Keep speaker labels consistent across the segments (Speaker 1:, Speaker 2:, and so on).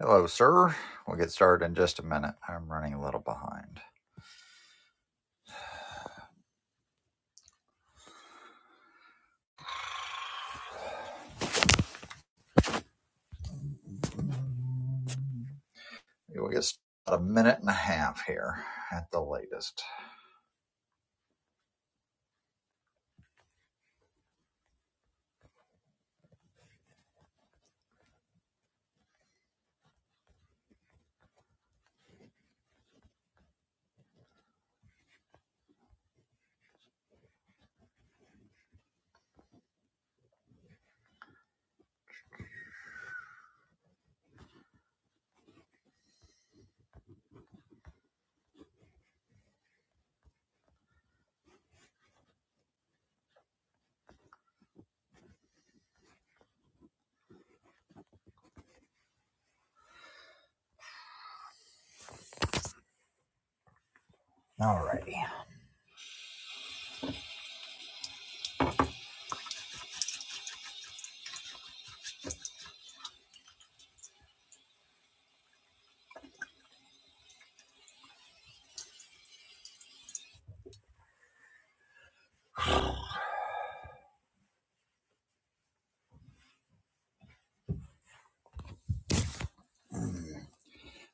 Speaker 1: Hello, sir. We'll get started in just a minute. I'm running a little behind. We'll get about a minute and a half here at the latest. Alrighty.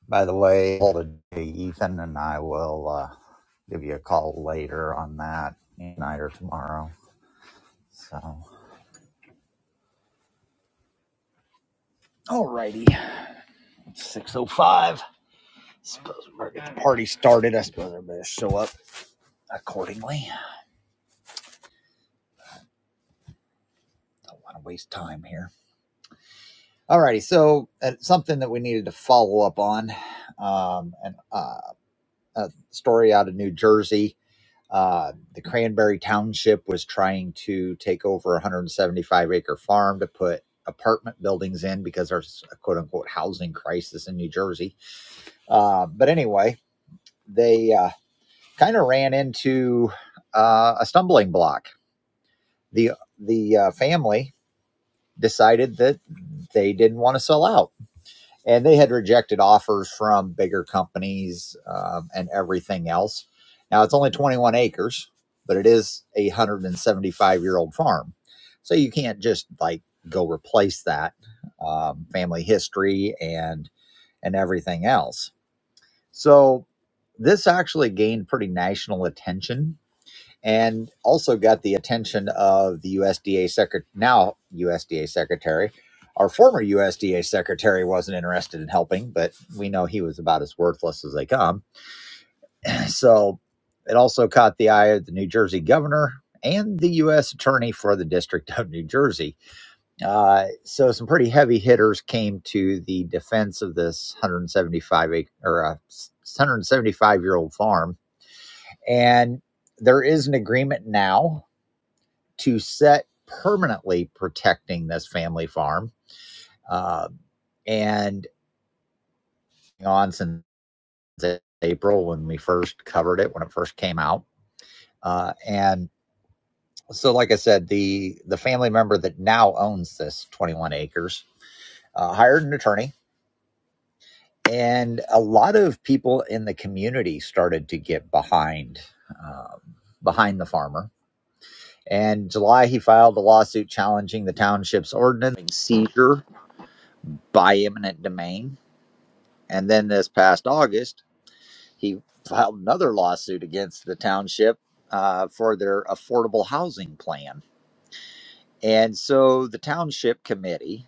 Speaker 1: By the way, Ethan and I will uh, give you a call later on that tonight or tomorrow. So. Alrighty. It's 6.05. Suppose we're going to get the party started. I suppose I better show up accordingly. Don't want to waste time here. Alrighty. So, uh, something that we needed to follow up on um, and uh, a story out of New Jersey. Uh, the Cranberry Township was trying to take over a 175 acre farm to put apartment buildings in because there's a quote unquote housing crisis in New Jersey. Uh, but anyway, they uh, kind of ran into uh, a stumbling block. The the uh, family decided that they didn't want to sell out and they had rejected offers from bigger companies um, and everything else. Now it's only 21 acres, but it is a 175 year old farm, so you can't just like go replace that um, family history and and everything else. So this actually gained pretty national attention and also got the attention of the USDA secret now USDA secretary. Our former USDA secretary wasn't interested in helping, but we know he was about as worthless as they come. So it also caught the eye of the New Jersey governor and the U.S. attorney for the District of New Jersey. Uh, so some pretty heavy hitters came to the defense of this 175 acre or uh, 175 year old farm, and there is an agreement now to set permanently protecting this family farm. Uh, and on since April when we first covered it, when it first came out. Uh, and so, like I said, the, the family member that now owns this 21 acres uh, hired an attorney. And a lot of people in the community started to get behind um, behind the farmer. And in July, he filed a lawsuit challenging the township's ordinance seizure by eminent domain And then this past August, he filed another lawsuit against the township uh, for their affordable housing plan. And so the township committee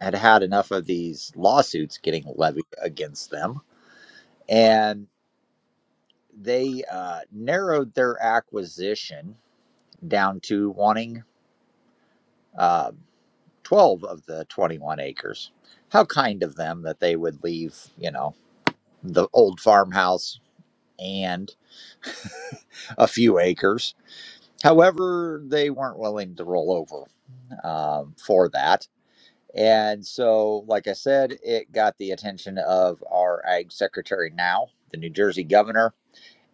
Speaker 1: had had enough of these lawsuits getting levied against them. And they uh, narrowed their acquisition down to wanting uh, 12 of the 21 acres. How kind of them that they would leave, you know, the old farmhouse and a few acres However, they weren't willing to roll over um, for that. And so, like I said, it got the attention of our ag secretary now, the New Jersey governor,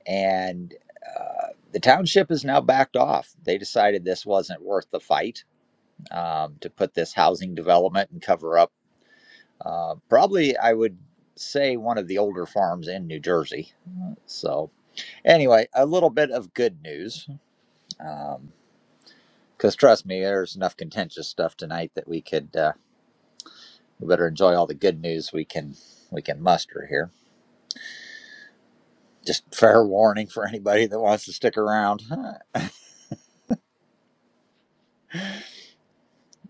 Speaker 1: and uh, the township has now backed off. They decided this wasn't worth the fight um, to put this housing development and cover up uh, probably, I would say, one of the older farms in New Jersey. So, anyway, a little bit of good news. Um, Because trust me, there's enough contentious stuff tonight that we could uh, we better enjoy all the good news we can we can muster here. Just fair warning for anybody that wants to stick around. Huh,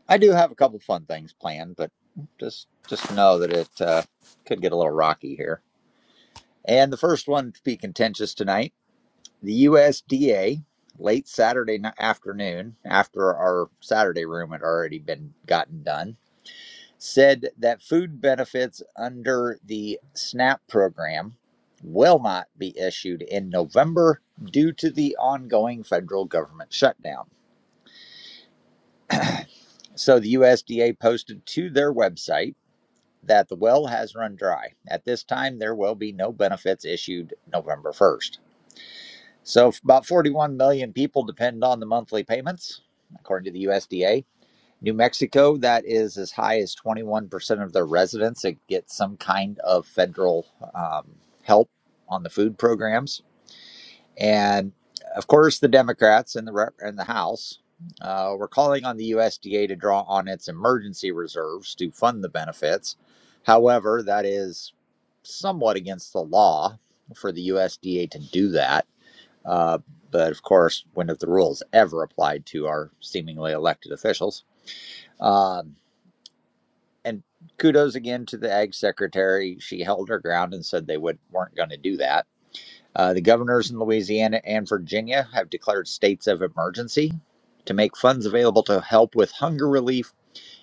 Speaker 1: I do have a couple fun things planned, but just just know that it uh, could get a little rocky here. And the first one to be contentious tonight, the USDA late Saturday afternoon after our Saturday room had already been gotten done said that food benefits under the SNAP program will not be issued in November due to the ongoing federal government shutdown. So the USDA posted to their website that the well has run dry. At this time, there will be no benefits issued November 1st. So about 41 million people depend on the monthly payments, according to the USDA. New Mexico, that is as high as 21% of their residents that get some kind of federal um, help on the food programs. And of course, the Democrats in the, rep- in the House uh, were calling on the USDA to draw on its emergency reserves to fund the benefits. However, that is somewhat against the law for the USDA to do that. Uh, but of course, when have the rules ever applied to our seemingly elected officials? Um, and kudos again to the ag secretary. She held her ground and said they would, weren't going to do that. Uh, the governors in Louisiana and Virginia have declared states of emergency to make funds available to help with hunger relief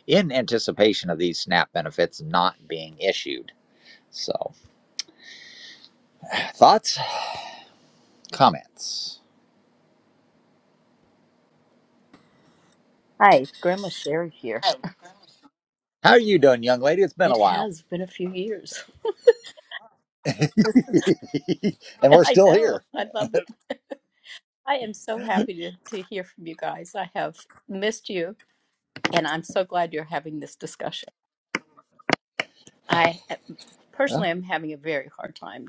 Speaker 1: in anticipation of these SNAP benefits not being issued. So, thoughts, comments.
Speaker 2: Hi, it's Grandma Sherry here.
Speaker 1: How are you doing, young lady? It's been a
Speaker 2: It
Speaker 1: while,
Speaker 2: has been a few years.
Speaker 1: and
Speaker 2: This is,
Speaker 1: we're
Speaker 2: I
Speaker 1: still
Speaker 2: know.
Speaker 1: here.
Speaker 2: I love it. I am so happy to, to hear from you guys. I have missed you, and I'm so glad you're having this discussion. I eh,
Speaker 1: Well,
Speaker 2: personally am having a very hard time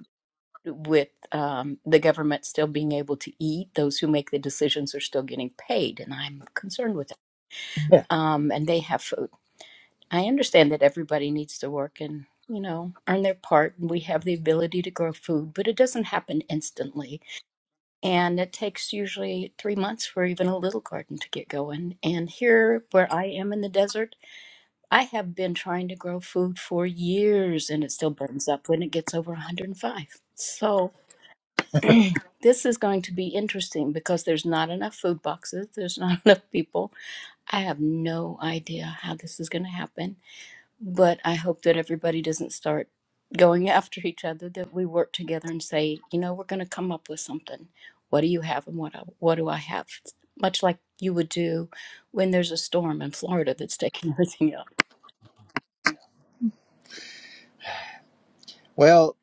Speaker 2: with um, the government still being able to eat. Those who make the decisions are still getting paid, and I'm concerned with it.
Speaker 1: yeah,
Speaker 2: Um, and they have. I understand that everybody needs to work and, you know, earn their part. And we have the ability to grow food, but it doesn't happen instantly. And it takes usually three months for even a little garden to get going. And here, where I am in the desert, I have been trying to grow food for years and it still burns up when it gets over 105. So, This is going to be interesting because there's not enough food boxes. There's not enough people. I have no idea how this is going to happen but I hope that everybody doesn't start going after each other, that we work together and say, you know, we're going to come up with something. What do you have and what, I, what do I have? Much like you would do when there's a storm in Florida that's taking everything up.
Speaker 1: Well,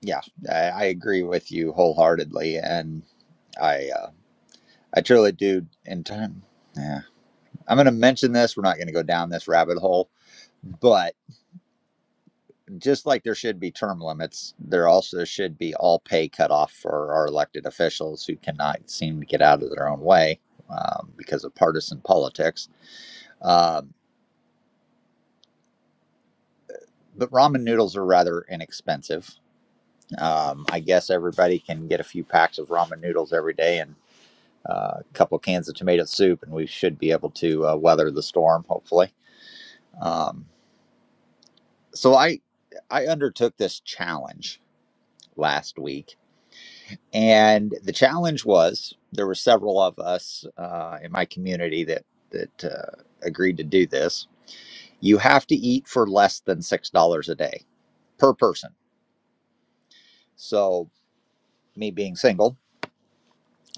Speaker 1: yeah, I, I agree with you wholeheartedly, and I. uh, I truly do. In time, yeah, I'm going to mention this. We're not going to go down this rabbit hole, but just like there should be term limits, there also should be all pay cutoff for our elected officials who cannot seem to get out of their own way um, because of partisan politics. Um, but ramen noodles are rather inexpensive. Um, I guess everybody can get a few packs of ramen noodles every day and uh, a couple cans of tomato soup, and we should be able to uh, weather the storm, hopefully. Um, so I I undertook this challenge last week, and the challenge was there were several of us uh, in my community that that uh, agreed to do this. You have to eat for less than six dollars a day per person. So me being single,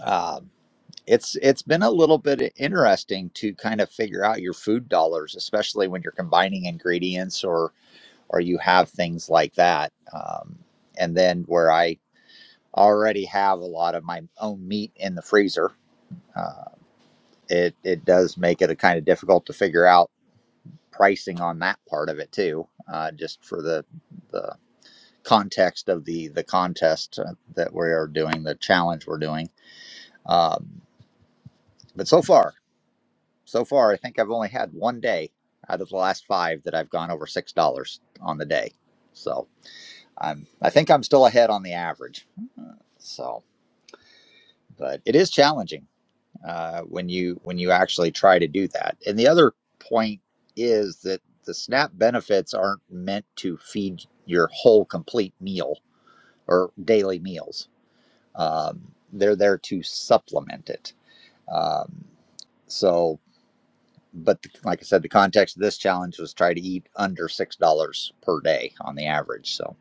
Speaker 1: um, it's it's been a little bit interesting to kind of figure out your food dollars, especially when you're combining ingredients or or you have things like that. Um, and then where I already have a lot of my own meat in the freezer, uh, it it does make it a kind of difficult to figure out pricing on that part of it too, uh, just for the the context of the the contest uh, that we are doing, the challenge we're doing. Um, but so far, so far, I think I've only had one day out of the last five that I've gone over six dollars on the day. So I'm I think I'm still ahead on the average. Uh, So, but it is challenging uh, when you when you actually try to do that. And the other point is that the SNAP benefits aren't meant to feed your whole complete meal or daily meals. Um, they're there to supplement it. Um, so, but the, like I said, the context of this challenge was try to eat under six dollars per day on the average. So,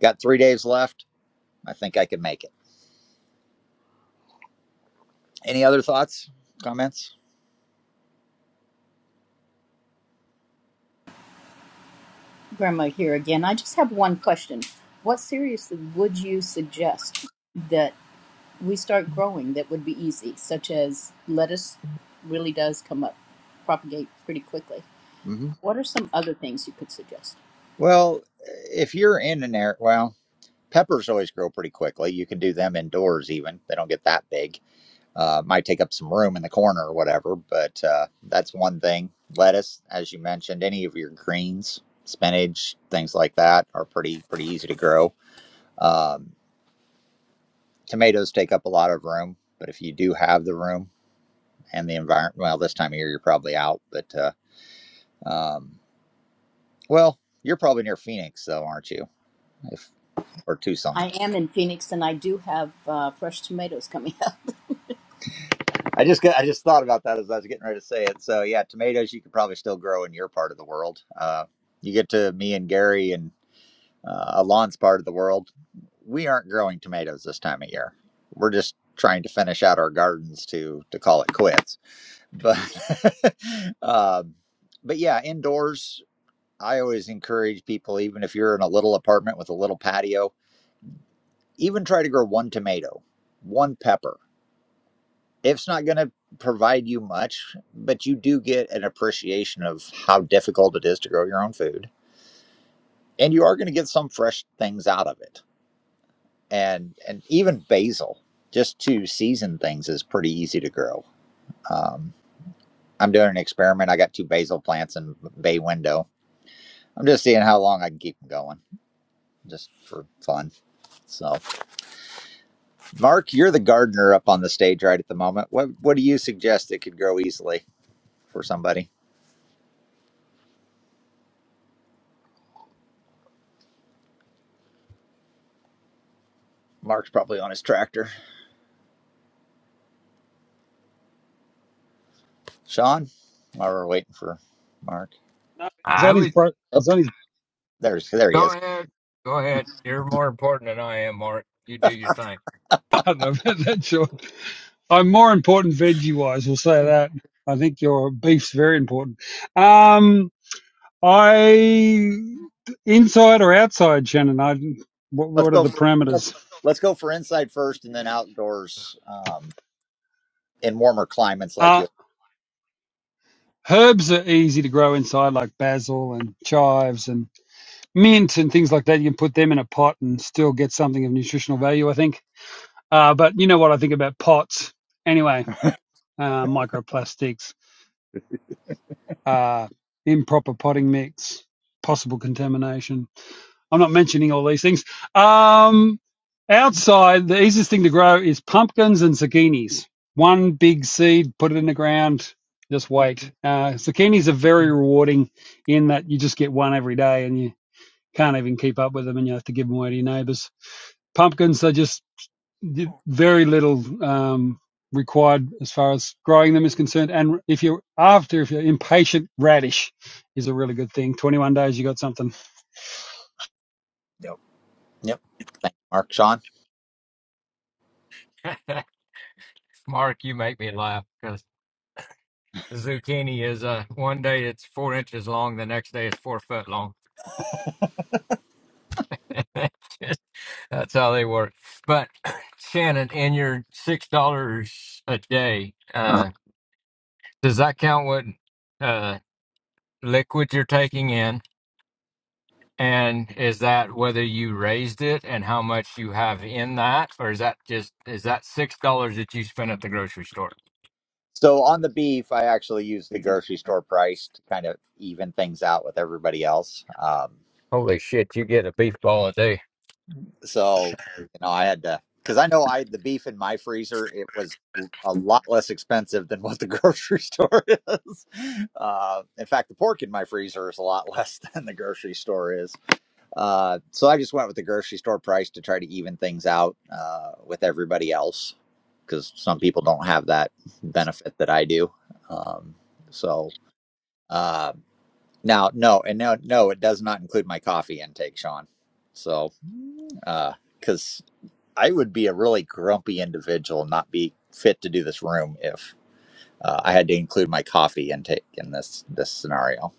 Speaker 1: got three days left. I think I can make it. Any other thoughts, comments?
Speaker 2: Grandma here again. I just have one question. What seriously would you suggest that we start growing that would be easy, such as lettuce really does come up, propagate pretty quickly?
Speaker 1: hmm
Speaker 2: What are some other things you could suggest?
Speaker 1: Well, if you're in an area, well. peppers always grow pretty quickly. You can do them indoors even. They don't get that big. Uh, might take up some room in the corner or whatever, but uh, that's one thing. Lettuce, as you mentioned, any of your greens, spinach, things like that are pretty pretty easy to grow. Um, tomatoes take up a lot of room, but if you do have the room and the environment, well, this time of year you're probably out, but uh, um, well, you're probably near Phoenix though, aren't you? If or Tucson.
Speaker 2: I am in Phoenix and I do have uh, fresh tomatoes coming up.
Speaker 1: I just got, I just thought about that as I was getting ready to say it. So yeah, tomatoes you could probably still grow in your part of the world. Uh, you get to me and Gary and uh, Alon's part of the world. We aren't growing tomatoes this time of year. We're just trying to finish out our gardens to to call it quits. But um, but yeah, indoors I always encourage people, even if you're in a little apartment with a little patio, even try to grow one tomato, one pepper. it's not going to provide you much, but you do get an appreciation of how difficult it is to grow your own food, and you are going to get some fresh things out of it. And and even basil, just to season things, is pretty easy to grow. Um, I'm doing an experiment. I got two basil plants in bay window. I'm just seeing how long I can keep them going, just for fun. So, Mark, you're the gardener up on the stage right at the moment. What what do you suggest that could grow easily for somebody? Mark's probably on his tractor. Sean, while we're waiting for Mark.
Speaker 3: No, he's
Speaker 4: I
Speaker 3: on his
Speaker 4: would
Speaker 3: bro.
Speaker 1: oh,
Speaker 3: He's on his
Speaker 1: There's there he
Speaker 4: go
Speaker 1: is.
Speaker 4: ahead, go ahead. You're more important than I am, Mark. You do your thing.
Speaker 3: partner about that, Sean. I'm more important veggie wise. We'll say that. I think your beef's very important. Um, I inside or outside, Shannon. I what,
Speaker 1: Let's
Speaker 3: what are
Speaker 1: go
Speaker 3: the
Speaker 1: for let's,
Speaker 3: parameters?
Speaker 1: let's go for inside first, and then outdoors um, in warmer climates like
Speaker 3: Uh
Speaker 1: you.
Speaker 3: herbs are easy to grow inside, like basil and chives and mint and things like that. You can put them in a pot and still get something of nutritional value. I think. Uh, but you know what I think about pots anyway. Uh, microplastics uh, improper potting mix, possible contamination. I'm not mentioning all these things. Um, outside, the easiest thing to grow is pumpkins and zucchinis. One big seed, put it in the ground, just wait. Uh, zucchinis are very rewarding in that you just get one every day and you can't even keep up with them and you have to give them away to your neighbours. Pumpkins, they just very little um, required as far as growing them is concerned. And if you're after, if you're impatient, radish is a really good thing. 21 days, you got something.
Speaker 1: Yep. Yep. Thank you, Mark. Sean.
Speaker 4: Mark, you make me laugh because zucchini is uh one day it's four inches long, the next day it's four foot long. Just- That's how they work. But Shannon, in your six dollars a day,
Speaker 1: Uh-huh.
Speaker 4: uh, does that count what uh liquid you're taking in? And is that whether you raised it and how much you have in that, or is that just is that six dollars that you spent at the grocery store?
Speaker 1: So on the beef, I actually use the grocery store price to kind of even things out with everybody else. Um,
Speaker 4: Holy shit, you get a beef ball a day.
Speaker 1: So, you know, I had to because I know I the beef in my freezer it was l- a lot less expensive than what the grocery store is. Uh, in fact, the pork in my freezer is a lot less than the grocery store is. Uh, so I just went with the grocery store price to try to even things out uh, with everybody else because some people don't have that benefit that I do. Um, so uh, now, no, and no, no, it does not include my coffee intake, Sean. So because I would be a really grumpy individual and not be fit to do this room if uh, I had to include my coffee intake in this this scenario.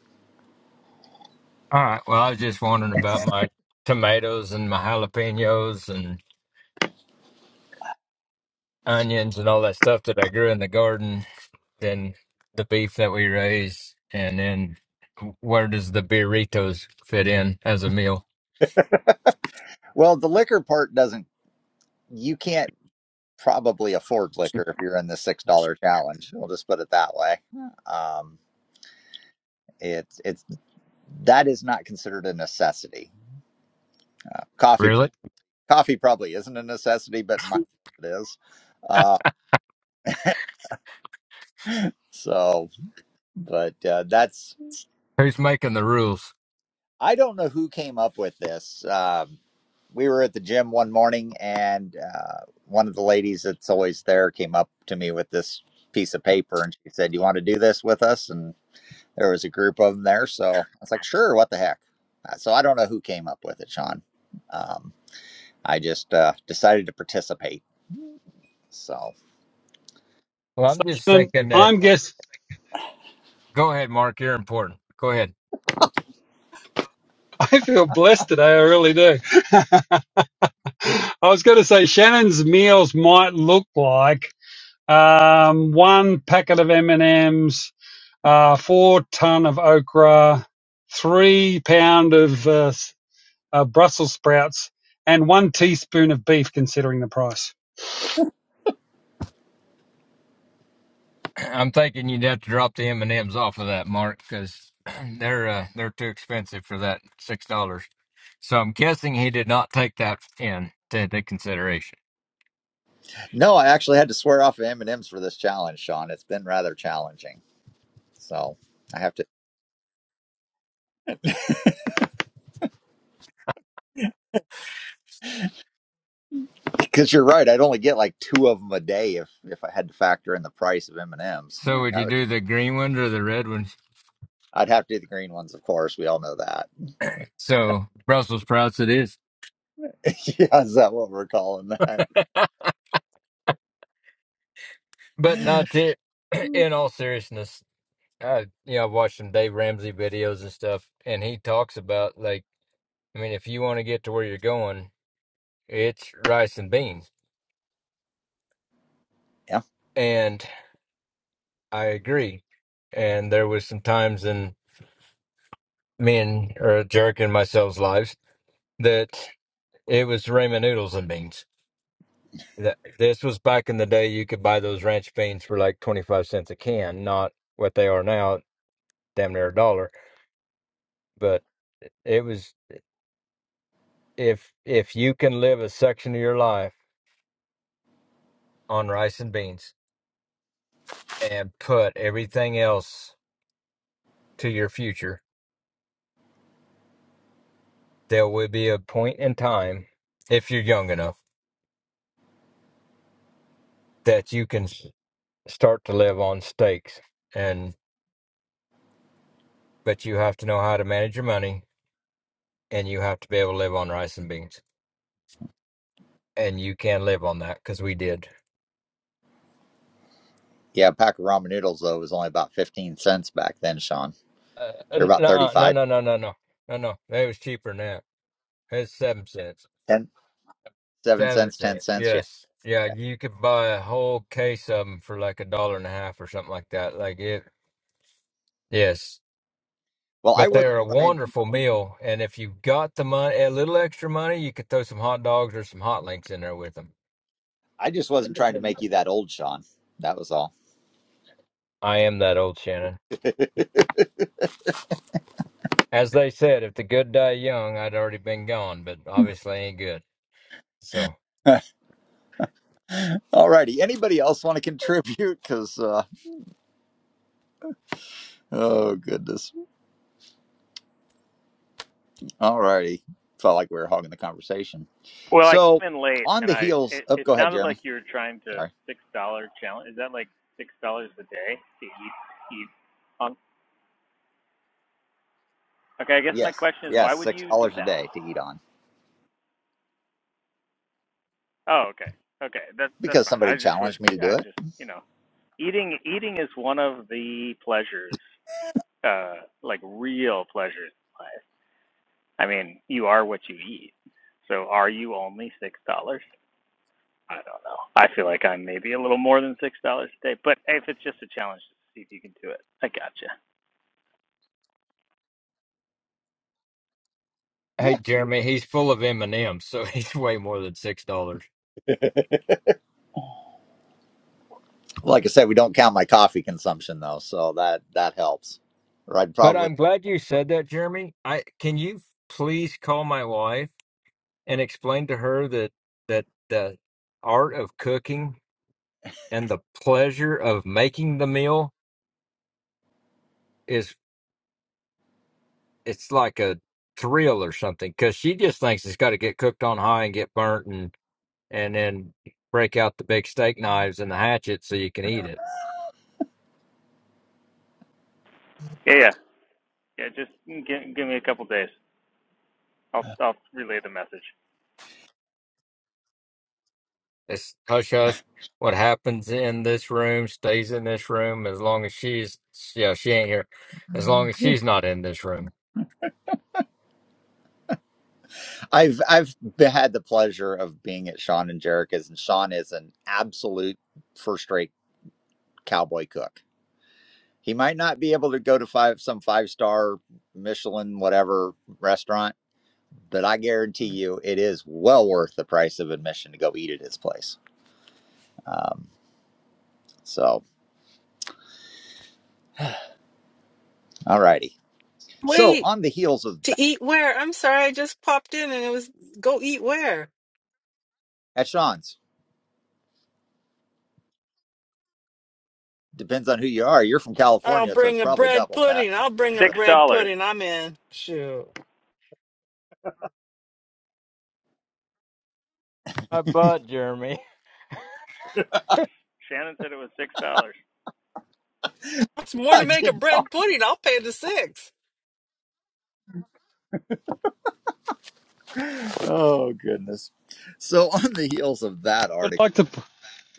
Speaker 4: All right. Well, I was just wondering about my tomatoes and my jalapenos and onions and all that stuff that I grew in the garden, then the beef that we raise, and then where does the burritos fit in as a meal?
Speaker 1: Well, the liquor part doesn't. You can't probably afford liquor if you're in the six dollar challenge. We'll just put it that way. Um, it's it's that is not considered a necessity. Uh, coffee
Speaker 4: Really?
Speaker 1: coffee probably isn't a necessity, but in my it is. Uh, so, but uh, that's
Speaker 4: Who's making the rules?
Speaker 1: I don't know who came up with this. Um, we were at the gym one morning and uh, one of the ladies that's always there came up to me with this piece of paper and she said you want to do this with us and there was a group of them there so i was like sure what the heck Uh, so i don't know who came up with it sean um, i just uh, decided to participate so
Speaker 4: Well, I'm just
Speaker 3: And
Speaker 4: thinking that
Speaker 3: I'm guess
Speaker 4: Go ahead, Mark. You're important. Go ahead.
Speaker 3: I feel blessed today. I really do. I was going to say Shannon's meals might look like um, one packet of M and M's, uh, four ton of okra, three pound of uh, uh, Brussels sprouts, and one teaspoon of beef, considering the price.
Speaker 4: I'm thinking you'd have to drop the M and M's off of that, Mark, because they're uh, they're too expensive for that six dollars. So I'm guessing he did not take that in to into consideration.
Speaker 1: no i actually had to swear off of m&ms for this challenge sean it's been rather challenging so i have to because you're right i'd only get like two of them a day if if i had to factor in the price of m&ms
Speaker 4: So would
Speaker 1: That
Speaker 4: you
Speaker 1: would
Speaker 4: do the green ones or the red ones?
Speaker 1: I'd have to do the green ones, of course. We all know that.
Speaker 4: So Brussels sprouts it is,
Speaker 1: yeah, is that what we're calling that?
Speaker 4: but not to. In all seriousness, I you know I've watched some Dave Ramsey videos and stuff, and he talks about like I mean if you want to get to where you're going, it's rice and beans.
Speaker 1: Yeah.
Speaker 4: and I agree. And there was some times in me and or Jerk and myself's lives that it was ramen noodles and beans. That this was back in the day you could buy those ranch beans for like twenty five cents a can, not what they are now, damn near a dollar. But it was if if you can live a section of your life on rice and beans and put everything else to your future, there will be a point in time if you're young enough that you can. start to live on steaks and but you have to know how to manage your money and you have to be able to live on rice and beans and you can live on that because we did
Speaker 1: Yeah, a pack of ramen noodles, though, was only about 15 cents back then, Sean.
Speaker 4: uh, uh,
Speaker 1: They're about
Speaker 4: no no
Speaker 1: thirty-five,
Speaker 4: no no no no no no it was cheaper than that it's seven cents
Speaker 1: ten, seven
Speaker 4: seven
Speaker 1: cents, 10
Speaker 4: cents
Speaker 1: cents. Yeah.
Speaker 4: yes yeah
Speaker 1: Okay.
Speaker 4: you could buy a whole case of them for like a dollar and a half or something like that like it yes
Speaker 1: Well, I
Speaker 4: but
Speaker 1: wasn't
Speaker 4: they're a
Speaker 1: trying,
Speaker 4: wonderful meal and if you've got the money a little extra money you could throw some hot dogs or some hot links in there with them
Speaker 1: I just wasn't trying to make you that old, Sean. That was all.
Speaker 4: i am that old shannon As they said, if the good die young, I'd already been gone, but obviously ain't good. So,
Speaker 1: All righty. Anybody else want to contribute? Because, uh, oh, goodness. All righty. Felt like we were hogging the conversation.
Speaker 5: Well, I
Speaker 1: So,
Speaker 5: came in late,
Speaker 1: on
Speaker 5: and
Speaker 1: the
Speaker 5: I
Speaker 1: heels,
Speaker 5: it,
Speaker 1: oh,
Speaker 5: it
Speaker 1: go ahead,
Speaker 5: sounded like
Speaker 1: Jeremy.
Speaker 5: you were trying to
Speaker 1: Sorry.
Speaker 5: six dollar challenge. Is that like six dollars a day to eat eat? Um, okay, I guess my
Speaker 1: Yes.
Speaker 5: question is, why
Speaker 1: Yes.
Speaker 5: would
Speaker 1: Six
Speaker 5: you do
Speaker 1: dollars a
Speaker 5: that?
Speaker 1: day to eat on
Speaker 5: Oh, okay, okay, that's that's
Speaker 1: because
Speaker 5: fine.
Speaker 1: somebody
Speaker 5: I just was,
Speaker 1: challenged me to do
Speaker 5: I
Speaker 1: it.
Speaker 5: just you know, eating eating is one of the pleasures, uh, like real pleasures in life. I mean, you are what you eat. So, are you only six dollars? I don't know. I feel like I'm maybe a little more than six dollars a day, but hey, if it's just a challenge, see if you can do it. I gotcha.
Speaker 4: hey,
Speaker 1: Yeah.
Speaker 4: Jeremy, he's full of M and M's, so he's way more than six dollars.
Speaker 1: Like I said, we don't count my coffee consumption though, so that that helps. Or I'd
Speaker 4: But
Speaker 1: probably
Speaker 4: I'm glad you said that, Jeremy. I can you please call my wife and explain to her that that the art of cooking and the pleasure of making the meal is it's like a thrill or something because she just thinks it's got to get cooked on high and get burnt and. and then break out the big steak knives and the hatchet so you can eat it.
Speaker 5: Yeah, yeah, yeah. Just give, give me a couple days. I'll I'll relay the message.
Speaker 4: It's hush hush. What happens in this room stays in this room as long as she's yeah she ain't here, as long as she's not in this room.
Speaker 1: I've I've be- had the pleasure of being at Sean and Jerica's, and Sean is an absolute first rate cowboy cook. He might not be able to go to five some five star Michelin whatever restaurant, but I guarantee you it is well worth the price of admission to go eat at his place. Um, so, alrighty. So
Speaker 6: Wait,
Speaker 1: on the heels of that,
Speaker 6: to eat where? I'm sorry, I just popped in and it was go eat where?
Speaker 1: at Sean's, depends on who you are. You're from
Speaker 6: I'll
Speaker 1: California, so it's
Speaker 6: bring a
Speaker 1: probably
Speaker 6: bread
Speaker 1: double, Pat.
Speaker 6: pudding. I'll bring a
Speaker 5: Six
Speaker 1: But
Speaker 6: bread
Speaker 5: dollars.
Speaker 6: pudding. I'm in. Shoot.
Speaker 4: I bought Jeremy.
Speaker 5: Shannon said it was six dollars.
Speaker 6: What's more to
Speaker 1: I
Speaker 6: make a
Speaker 1: did not.
Speaker 6: bread pudding? I'll pay the six.
Speaker 1: Oh goodness. So on the heels of that
Speaker 3: would
Speaker 1: article,
Speaker 3: like to.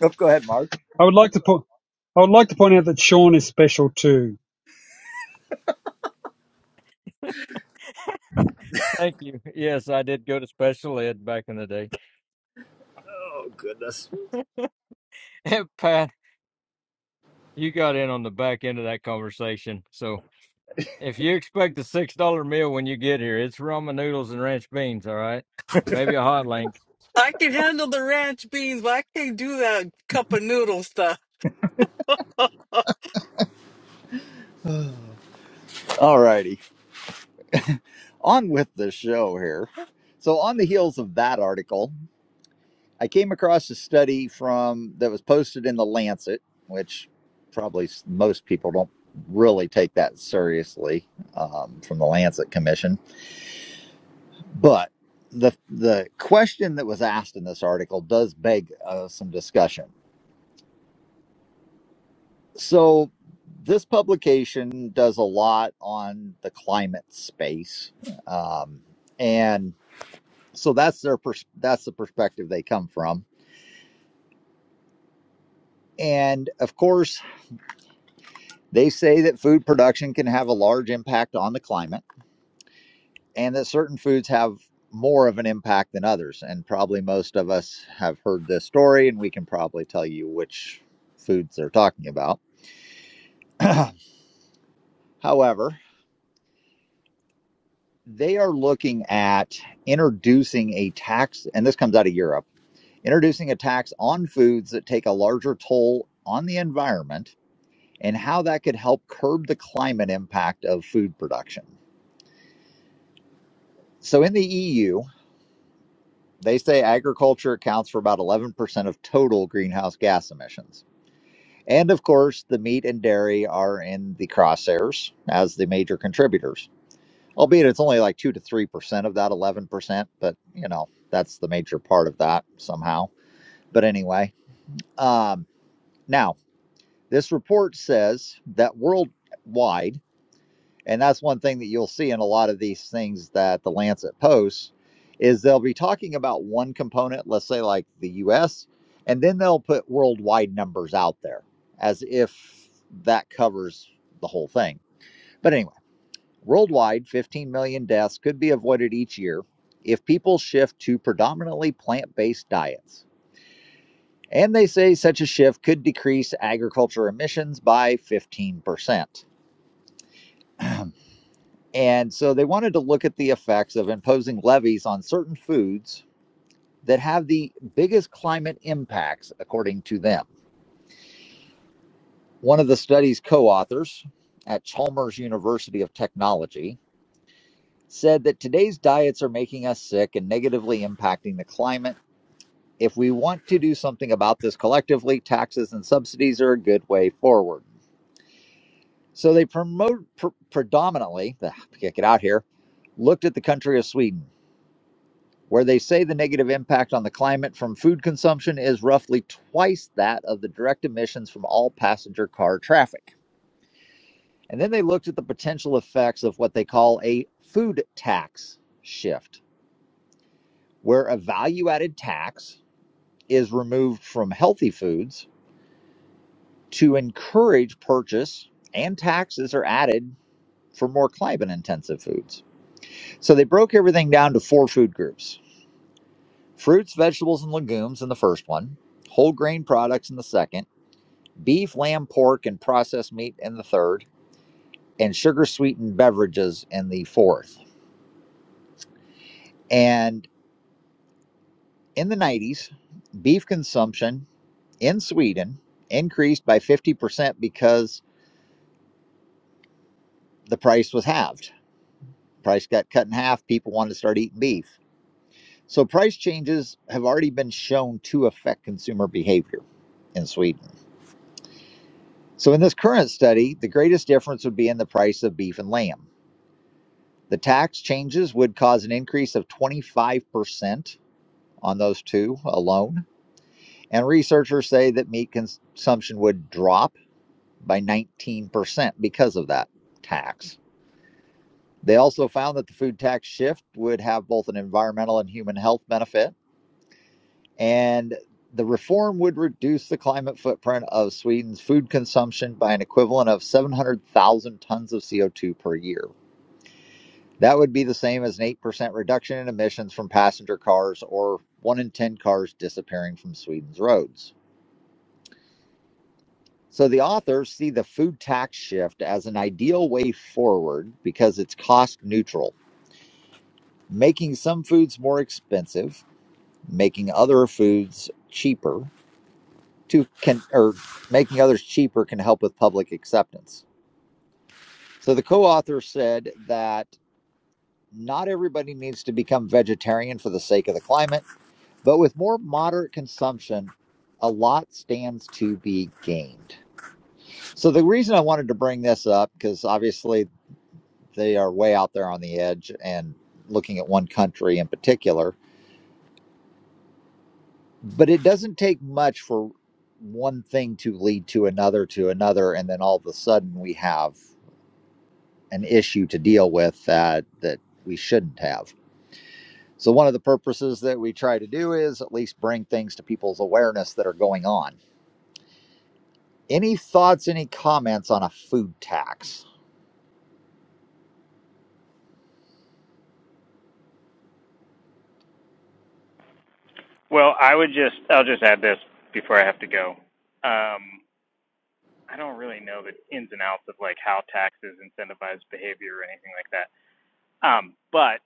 Speaker 1: oh, go ahead, Mark.
Speaker 3: I would like to put. I would like to point out that Sean is special too.
Speaker 4: Thank you. Yes, I did go to special ed back in the day.
Speaker 1: Oh goodness.
Speaker 4: And Pat, you got in on the back end of that conversation. So if you expect a six dollar meal when you get here, it's ramen noodles and ranch beans. All right, maybe a hot link.
Speaker 6: I can handle the ranch beans, but I can't do that cup of noodle stuff.
Speaker 1: All righty, on with the show here. So on the heels of that article, I came across a study from that was posted in the Lancet, which probably s- most people don't really take that seriously um, from the Lancet Commission But the the question that was asked in this article does beg uh, some discussion. So this publication does a lot on the climate space, um, and so that's their pers- that's the perspective they come from. And of course, they say that food production can have a large impact on the climate. and that certain foods have more of an impact than others. And probably most of us have heard this story, and we can probably tell you which foods they're talking about. However, they are looking at introducing a tax, and this comes out of Europe, introducing a tax on foods that take a larger toll on the environment and how that could help curb the climate impact of food production. So in the EU, they say agriculture accounts for about 11% of total greenhouse gas emissions. And of course, the meat and dairy are in the crosshairs as the major contributors, albeit it's only like 2 to 3% of that 11%, but you know, that's the major part of that somehow. But anyway, um, now this report says that worldwide, and that's one thing that you'll see in a lot of these things that the Lancet posts is they'll be talking about one component, let's say like the US, and then they'll put worldwide numbers out there as if that covers the whole thing. But anyway, worldwide 15 million deaths could be avoided each year if people shift to predominantly plant-based diets. And they say such a shift could decrease agriculture emissions by 15%. And so they wanted to look at the effects of imposing levies on certain foods that have the biggest climate impacts, according to them. One of the study's co authors at Chalmers University of Technology said that today's diets are making us sick and negatively impacting the climate. If we want to do something about this collectively, taxes and subsidies are a good way forward. So they promote pr- predominantly, the, get out here, looked at the country of Sweden where they say the negative impact on the climate from food consumption is roughly twice that of the direct emissions from all passenger car traffic. And then they looked at the potential effects of what they call a food tax shift, where a value added tax is removed from healthy foods to encourage purchase, and taxes are added for more climate intensive foods. So they broke everything down to four food groups fruits, vegetables, and legumes in the first one, whole grain products in the second beef, lamb, pork, and processed meat in the third, and sugar sweetened beverages in the fourth. And in the 90s, beef consumption in Sweden increased by 50% because the price was halved. Price got cut in half. People wanted to start eating beef. So price changes have already been shown to affect consumer behavior in Sweden. So in this current study, the greatest difference would be in the price of beef and lamb. The tax changes would cause an increase of 25% on those two alone. And researchers say that meat consumption would drop by 19% because of that tax. They also found that the food tax shift would have both an environmental and human health benefit. And the reform would reduce the climate footprint of Sweden's food consumption by an equivalent of 700,000 tons of CO2 per year. That would be the same as an 8% reduction in emissions from passenger cars or 1 in 10 cars disappearing from Sweden's roads. So the authors see the food tax shift as an ideal way forward because it's cost neutral, making some foods more expensive, making other foods cheaper to can or making others cheaper can help with public acceptance. So the co-author said that not everybody needs to become vegetarian for the sake of the climate, but with more moderate consumption, a lot stands to be gained. So the reason I wanted to bring this up, because obviously They are way out there on the edge and looking at one country in particular. But it doesn't take much for one thing to lead to another to another, and then all of a sudden we have an issue to deal with that that we shouldn't have. So one of the purposes that we try to do is at least bring things to people's awareness that are going on. Any thoughts, any comments on a food tax?
Speaker 5: Well, I would just I'll just add this before I have to go. Um, I don't really know the ins and outs of like how taxes incentivize behavior or anything like that. Um, but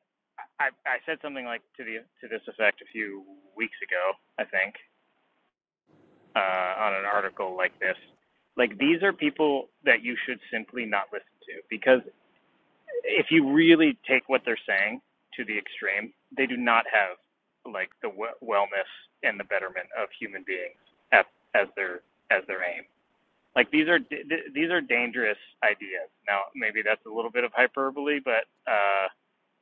Speaker 5: I I said something like to the to this effect a few weeks ago, I think. uh, on an article like this. Like these are people that you should simply not listen to because if you really take what they're saying to the extreme, they do not have like the w- wellness and the betterment of human beings as, as their as their aim like these are d- these are dangerous ideas. Now, maybe that's a little bit of hyperbole, but uh,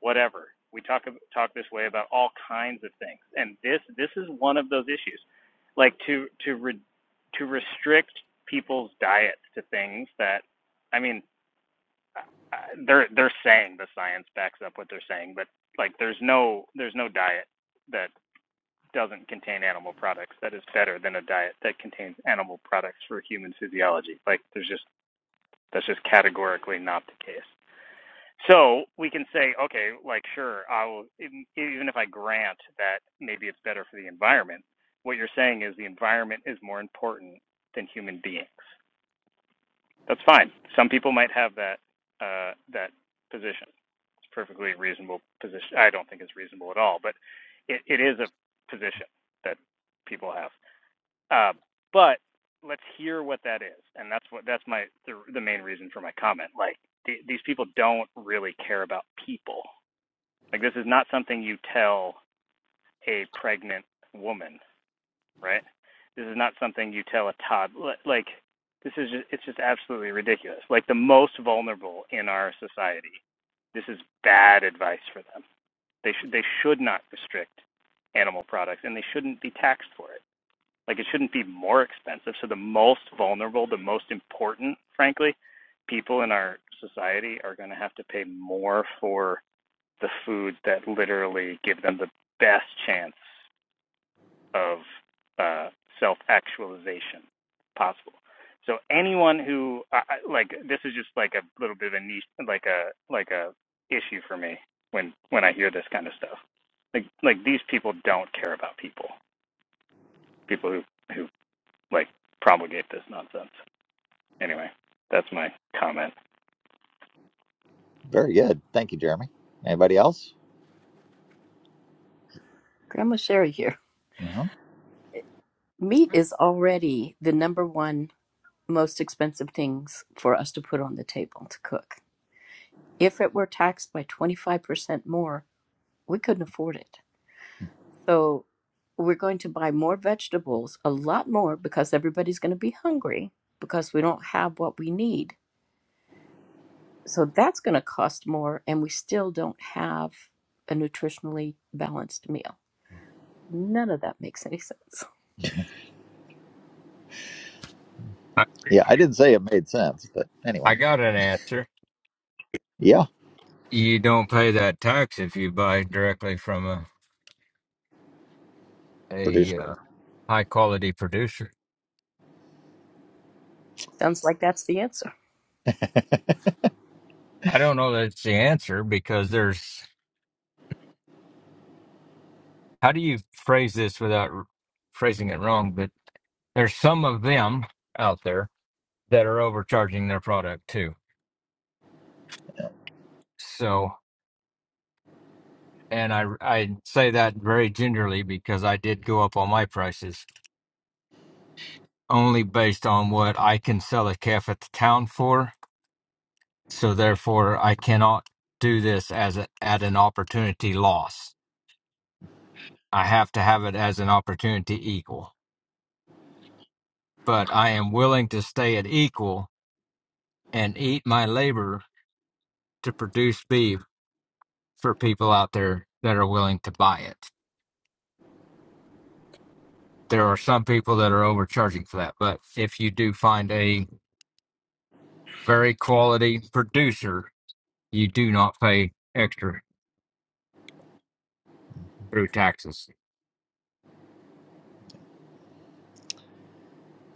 Speaker 5: whatever. We talk talk this way about all kinds of things, and this this is one of those issues. Like to to re- to restrict people's diets to things that, I mean, uh, uh, they're they're saying the science backs up what they're saying, but like there's no there's no diet that doesn't contain animal products that is better than a diet that contains animal products for human physiology. Like there's just that's just categorically not the case. So we can say, okay, like sure, I will even if I grant that maybe it's better for the environment. What you're saying is the environment is more important than human beings. That's fine. Some people might have that uh, that position. It's a perfectly reasonable position. I don't think it's reasonable at all, but it, it is a position that people have. Uh, but let's hear what that is, and that's what that's my the, the main reason for my comment. Like th- these people don't really care about people. Like this is not something you tell a pregnant woman, right? This is not something you tell a toddler. Like this is just, it's just absolutely ridiculous. Like the most vulnerable in our society. This is bad advice for them. They should they should not restrict animal products, and they shouldn't be taxed for it. Like it shouldn't be more expensive. So the most vulnerable, the most important, frankly, people in our society are going to have to pay more for the foods that literally give them the best chance of uh, self-actualization possible. So anyone who I, like this is just like a little bit of a niche, like a like a issue for me when when I hear this kind of stuff. Like like these people don't care about people. People who who like promulgate this nonsense. Anyway, that's my comment.
Speaker 1: Very good. Thank you, Jeremy. Anybody else?
Speaker 2: Grandma Sherry here.
Speaker 1: Mhm.
Speaker 2: Meat is already the number one most expensive things for us to put on the table to cook. If it were taxed by 25% more, we couldn't afford it. So we're going to buy more vegetables, a lot more, because everybody's going to be hungry because we don't have what we need. So that's going to cost more, and we still don't have a nutritionally balanced meal. None of that makes any sense.
Speaker 4: I
Speaker 1: Yeah, I didn't say it made sense, but
Speaker 4: I
Speaker 1: anyway.
Speaker 4: got an answer.
Speaker 1: Yeah,
Speaker 4: you don't pay that tax if you buy directly from a
Speaker 1: producer.
Speaker 4: a uh, high quality producer.
Speaker 2: Sounds like that's the answer.
Speaker 4: I don't know that it's the answer because there's how do you phrase this without r- phrasing it wrong? But there's some of them out there that are overcharging their product too. So, and I I say that very gingerly because I did go up on my prices only based on what I can sell a calf at the town for So therefore, I cannot do this as a, at an opportunity loss. I have to have it as an opportunity equal. But I am willing to stay at equal and eat my labor to produce beef for people out there that are willing to buy it. There are some people that are overcharging for that, but if you do find a very quality producer, you do not pay extra through taxes.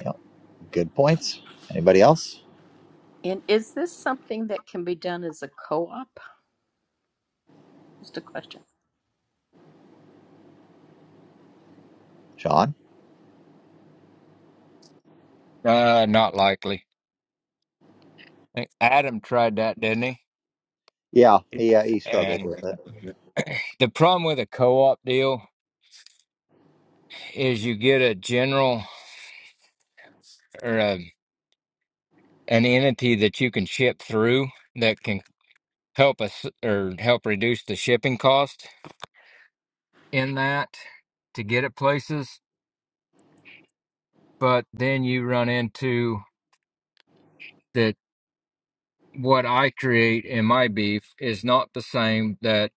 Speaker 1: Yep. Good points. Anybody else?
Speaker 2: And is this something that can be done as a co-op? Just a question.
Speaker 1: Sean?
Speaker 4: Uh, not likely. Hey, Adam tried that, didn't he?
Speaker 1: Yeah, he uh, he struggled
Speaker 4: And
Speaker 1: with it.
Speaker 4: the problem with a co-op deal is you get a general or a, an entity that you can ship through that can help us or help reduce the shipping cost in that to get it places. But then you run into that what I create in my beef is not the same that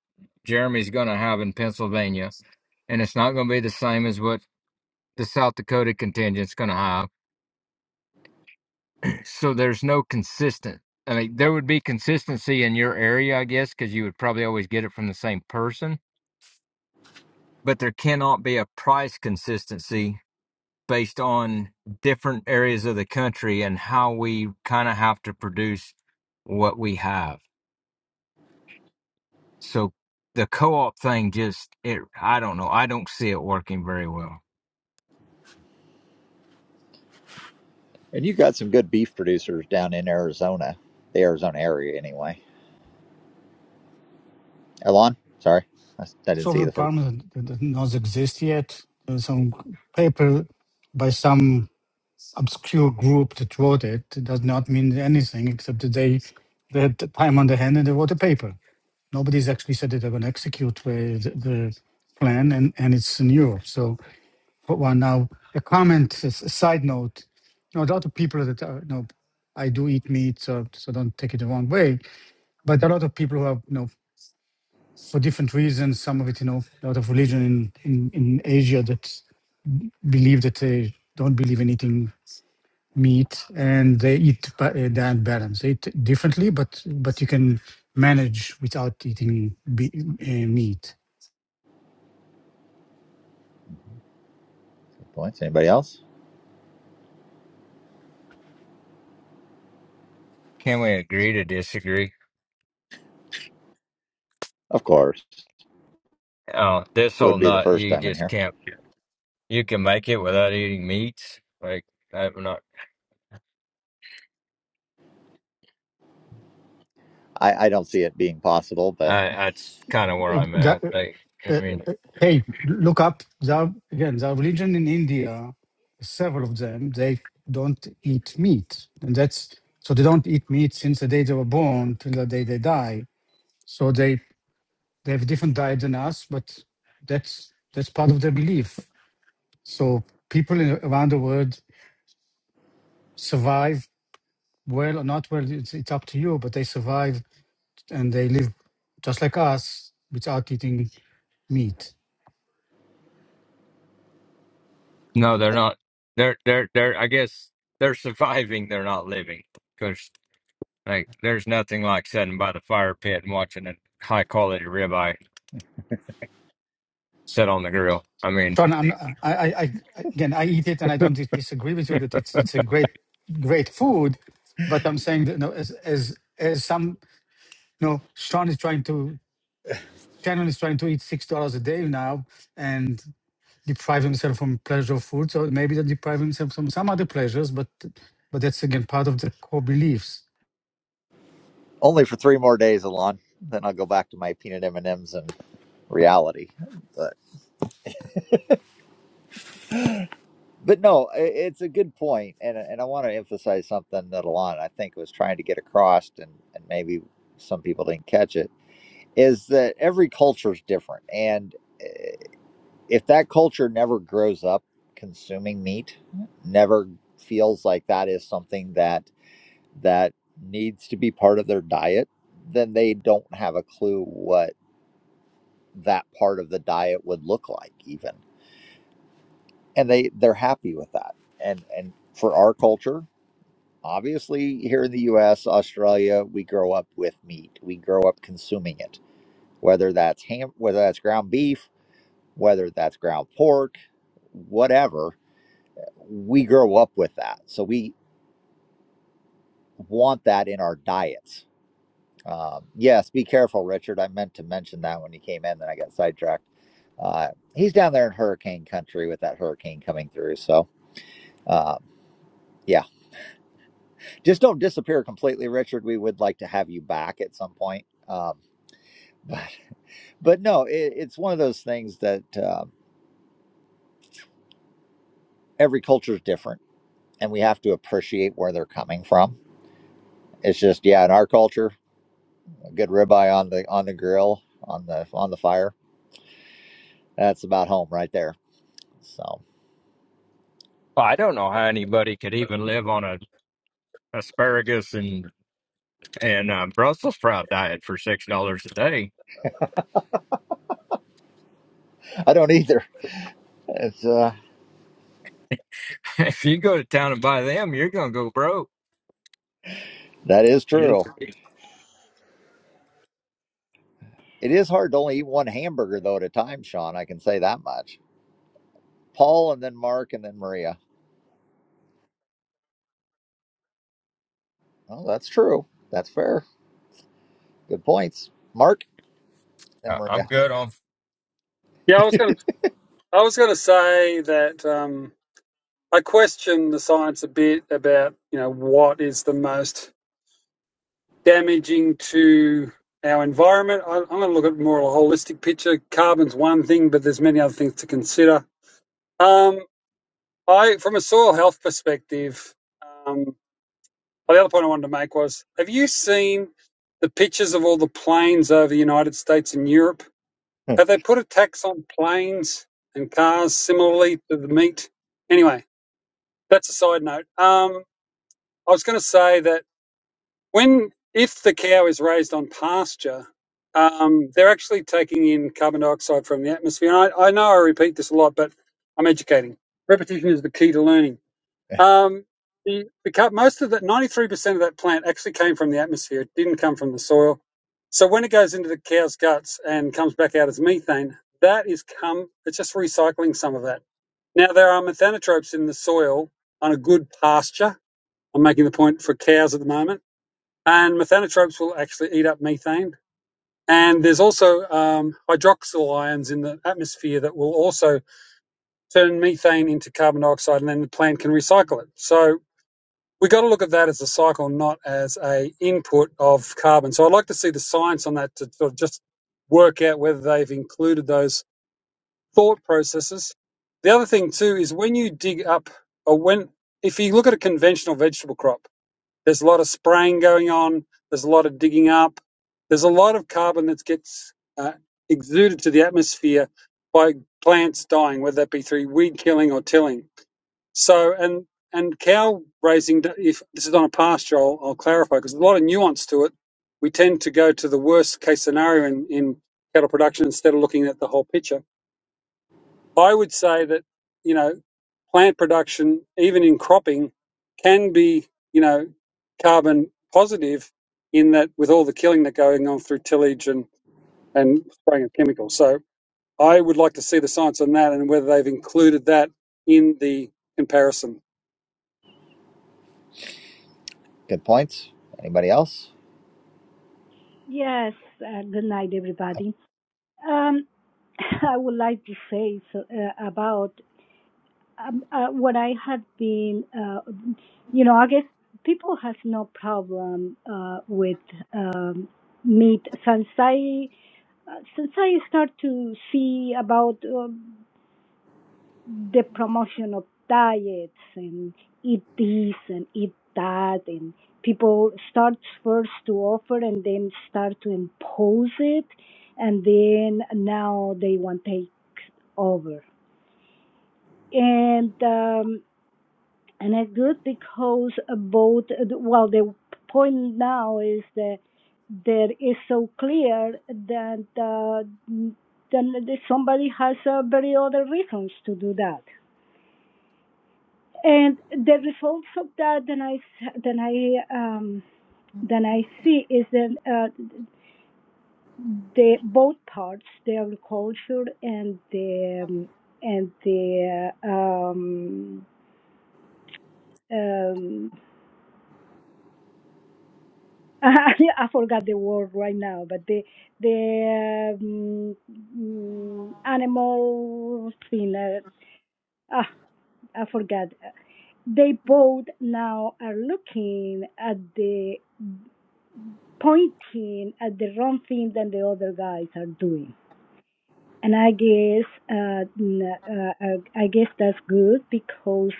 Speaker 4: Jeremy's going to have in Pennsylvania, and it's not going to be the same as what the South Dakota contingent's going to have So there's no consistent. I mean, there would be consistency in your area, I guess, because you would probably always get it from the same person. but there cannot be a price consistency based on different areas of the country and how we kind of have to produce what we have. So the co-op thing just it I don't know. I don't see it working very well.
Speaker 1: And you got some good beef producers down in Arizona, the Arizona area, anyway. Elon, sorry, I s- I didn't see
Speaker 7: software
Speaker 1: the first
Speaker 7: department that that does exist yet. Uh, Some paper by some obscure group that wrote it It does not mean anything except that they, they had the time on their hand and they wrote a paper. Nobody's actually said that they're going to execute uh, the, the plan, and, and it's in Europe. So, but one now, a comment, a s- a side note. You know, a lot of people that are, you know, I do eat meat, so, so don't take it the wrong way. But a lot of people who have, you know, for different reasons. Some of it, you know, a lot of religion in, in, in Asia that believe that they don't believe in eating meat and they eat ba- uh, that balance. They eat differently, but but you can manage without eating be, uh, meat.
Speaker 1: points. Anybody else?
Speaker 4: Can we agree to disagree?
Speaker 1: Of course,
Speaker 4: Oh, this whole
Speaker 1: wouldn't be the
Speaker 4: nut,
Speaker 1: first
Speaker 4: you
Speaker 1: time in
Speaker 4: just
Speaker 1: here.
Speaker 4: can't. You can make it without eating meats. Like I'm not.
Speaker 1: I, I don't see it being possible, but
Speaker 4: I that's kind of where I'm
Speaker 7: Ga-
Speaker 4: at.
Speaker 7: uh,
Speaker 4: Like, I
Speaker 7: uh,
Speaker 4: mean,
Speaker 7: uh, hey, look up. There are, again, there are religion in India, several of them, they don't eat meat. And that's so they don't eat meat since the day they were born till the day they die. So they They have a different diet than us, but that's that's part of their belief. So people in, around the world survive well or not well. It's, it's up to you, but they survive and they live just like us without eating meat.
Speaker 4: no, they're not. They're they're they're. I guess they're surviving. They're not living because like there's nothing like sitting by the fire pit and watching a high quality ribeye sit on the grill. I mean,
Speaker 7: Sean, I'm, I, I, I, again, I eat it, and I don't dis- disagree with you that it's it's a great great food, but I'm saying that you know, as as as some you know, Sean is trying to Shannon is trying to eat six dollars a day now, and. deprive himself from pleasure of food, so maybe they deprive himself from some other pleasures, but but that's again part of the core beliefs.
Speaker 1: only for three more days, Elon. Then I'll go back to my peanut M and M's and reality. But. But no, i- it's a good point, and uh, and I want to emphasize something that Alon I think was trying to get across, and and maybe some people didn't catch it, is that every culture is different, and if that culture never grows up consuming meat, never feels like that is something that that needs to be part of their diet, then they don't have a clue what that part of the diet would look like, even, and they they're happy with that, and and for our culture. Obviously, here in the US, Australia, we grow up with meat. We grow up consuming it. Whether that's ham, whether that's ground beef, whether that's ground pork, whatever, we grow up with that. So we want that in our diets. Um, yes, be careful, Richard. I meant to mention that when you came in, then I got sidetracked. Uh, he's down there in hurricane country with that hurricane coming through. So, uh, yeah, just don't disappear completely, Richard. We would like to have you back at some point. Um, but no, it, it's one of those things that uh, every culture is different, and we have to appreciate where they're coming from. It's just yeah, in our culture, a good ribeye on the on the grill on the on the fire. That's about home right there. So
Speaker 4: I don't know how anybody could even live on a asparagus and and uh, Brussels sprout diet for six dollars a day.
Speaker 1: I don't either. It's uh,
Speaker 4: if you go to town and buy them, you're gonna go broke.
Speaker 1: that is
Speaker 4: Yeah.
Speaker 1: true. It is hard to only eat one hamburger though at a time, Sean. I can say that much. Paul and then Mark and then Maria. Oh, that's true. That's fair. Good points, Mark and
Speaker 4: Uh, I'm
Speaker 1: Maria.
Speaker 4: good on.
Speaker 3: Yeah, I was going to. I was going to say that um, I question the science a bit about you know what is the most damaging to our environment. I, I'm going to look at more of a holistic picture. Carbon's one thing, but there's many other things to consider. Um, I, from a soil health perspective, um, the other point I wanted to make was: Have you seen the pictures of all the plains over the United States and Europe?
Speaker 1: Good
Speaker 3: Have they put a tax on planes and cars similarly to the meat? Anyway, that's a side note. Um, I was going to say that when, if the cow is raised on pasture, um, they're actually taking in carbon dioxide from the atmosphere. And I, I know I repeat this a lot, but I'm educating. Repetition is the key to learning. Um, the, the most of that, 93% of that plant actually came from the atmosphere. It didn't come from the soil. So when it goes into the cow's guts and comes back out as methane, that is come, it's just recycling some of that. Now, there are methanotropes in the soil on a good pasture. I'm making the point for cows at the moment. And methanotropes will actually eat up methane. And there's also um, hydroxyl ions in the atmosphere that will also turn methane into carbon dioxide, and then the plant can recycle it. So we got to look at that as a cycle, not as a input of carbon. So I'd like to see the science on that to sort of just work out whether they've included those thought processes. The other thing too is when you dig up or when if you look at a conventional vegetable crop, there's a lot of spraying going on, there's a lot of digging up, there's a lot of carbon that gets uh, exuded to the atmosphere by plants dying, whether that be through weed killing or tilling. So, and and cow raising, if this is on a pasture, I'll, I'll clarify because there's a lot of nuance to it. We tend to go to the worst case scenario in, in cattle production instead of looking at the whole picture. I would say that, you know, plant production, even in cropping, can be, you know, carbon positive in that with all the killing that going on through tillage and, and spraying of chemicals. So I would like to see the science on that and whether they've included that in the comparison.
Speaker 1: points. Anybody else?
Speaker 8: Yes, uh, good night, everybody. Um, I would like to say so, uh, about um, uh, what I had been, uh, you know, I guess people has no problem uh, with um, meat since I uh, since I start to see about. Um, the promotion of diets and eat this and eat that and people start first to offer and then start to impose it and then now they want to take over and um and it's good because both well the point now is that there is so clear that uh, then somebody has uh, very other reasons to do that and the results of that then i then i um then i see is that uh, the both parts the agriculture and the um, and the um um I forgot the word right now, but the the um, mm, animal thing. Uh, ah, I forgot. They both now are looking at the pointing at the wrong thing that the other guys are doing. And I guess uh, uh, uh, I guess that's good because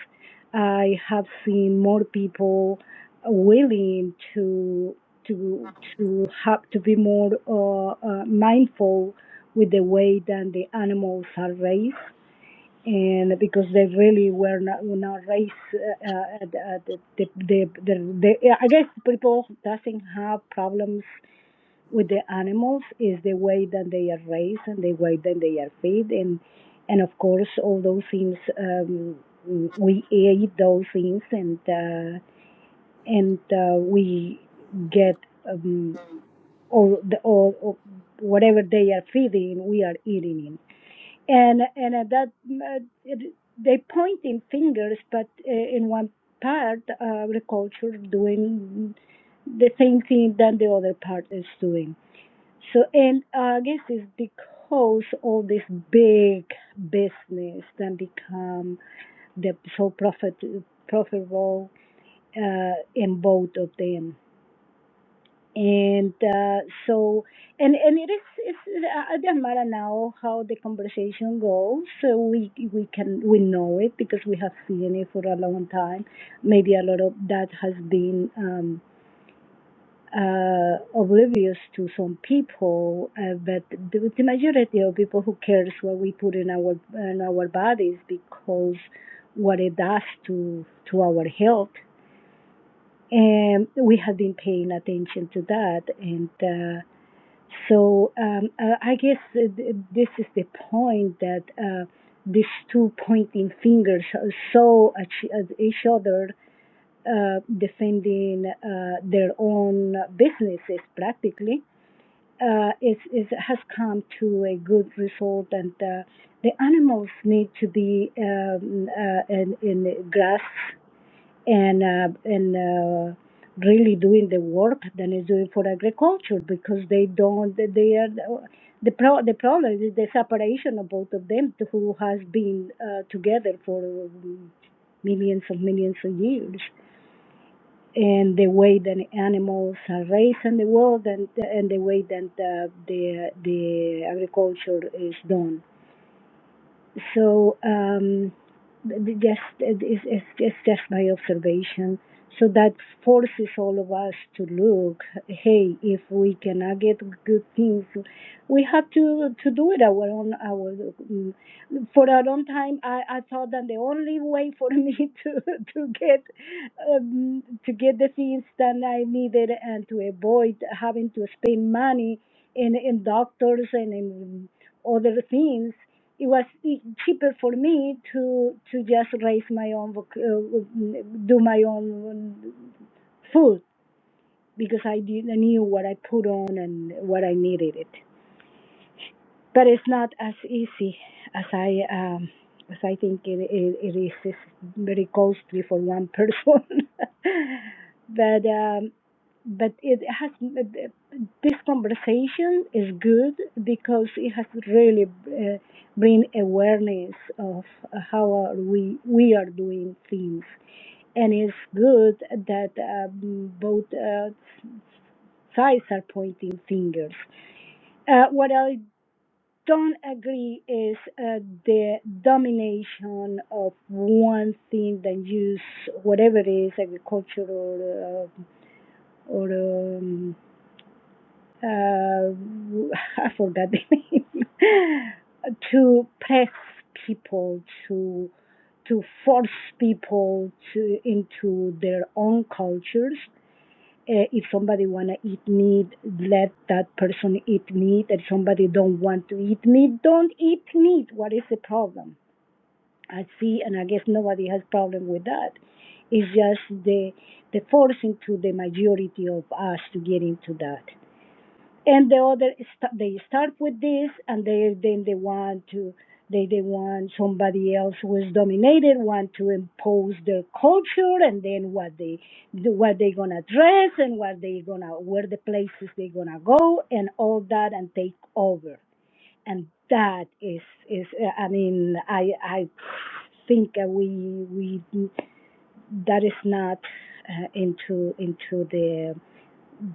Speaker 8: I have seen more people willing to to to have to be more uh, uh, mindful with the way that the animals are raised, and because they really were not were not raised uh, uh, the, the, the, the, the I guess people doesn't have problems with the animals is the way that they are raised and the way that they are fed and and of course all those things um, we eat those things and uh, and uh, we get um, or the or, or whatever they are feeding we are eating it and and at that uh, it, they pointing fingers but uh, in one part uh, agriculture doing the same thing that the other part is doing so, and uh, I guess it's because all this big business then become the so profit profitable uh, in both of them. And uh, so, and and it is it's, uh, it doesn't matter now how the conversation goes. So we we can we know it because we have seen it for a long time. Maybe a lot of that has been. Um, uh, oblivious to some people, uh, but the, the majority of people who cares what we put in our in our bodies because what it does to to our health, and we have been paying attention to that, and uh, so um, uh, I guess uh, th- this is the point that. Uh, these two pointing fingers are so at each at each other uh, defending uh, their own businesses practically uh, is, is has come to a good result, and uh, the animals need to be um, uh, in, in grass and uh, and uh, really doing the work than is doing for agriculture because they don't they are the pro the problem is the separation of both of them who has been uh, together for um, millions and millions of years and the way that animals are raised in the world and and the way that uh, the the agriculture is done. So um, th- just it's, it's it's just my observation. So that forces all of us to look. Hey, if we cannot get good things, we have to to do it our own our mm, for a long time. I, I thought that the only way for me to to get um, to get the things that I needed and to avoid having to spend money in in doctors and in other things it was e- cheaper for me to to just raise my own uh, do my own food because I did I knew what I put on and what I needed it. But it's not as easy as I um, as I think it, it, it is. It's very costly for one person. but um, but it has this conversation is good because it has really uh, bring awareness of how are we we are doing things and it's good that um, both uh, sides are pointing fingers uh, what i don't agree is uh, the domination of one thing that use whatever it is agriculture or uh, or um, uh, I forgot the name, to press people to to force people to into their own cultures. Uh, if somebody wanna eat meat, let that person eat meat. If somebody don't want to eat meat, don't eat meat. What is the problem? I see, and I guess nobody has problem with that. It's just the the forcing to the majority of us to get into that and the other st- they start with this and they then they want to they they want somebody else who is dominated want to impose their culture and then what they what they gonna dress and what they gonna where the places they gonna go and all that and take over and that is is uh, i mean i i think uh, we we that is not uh, into into the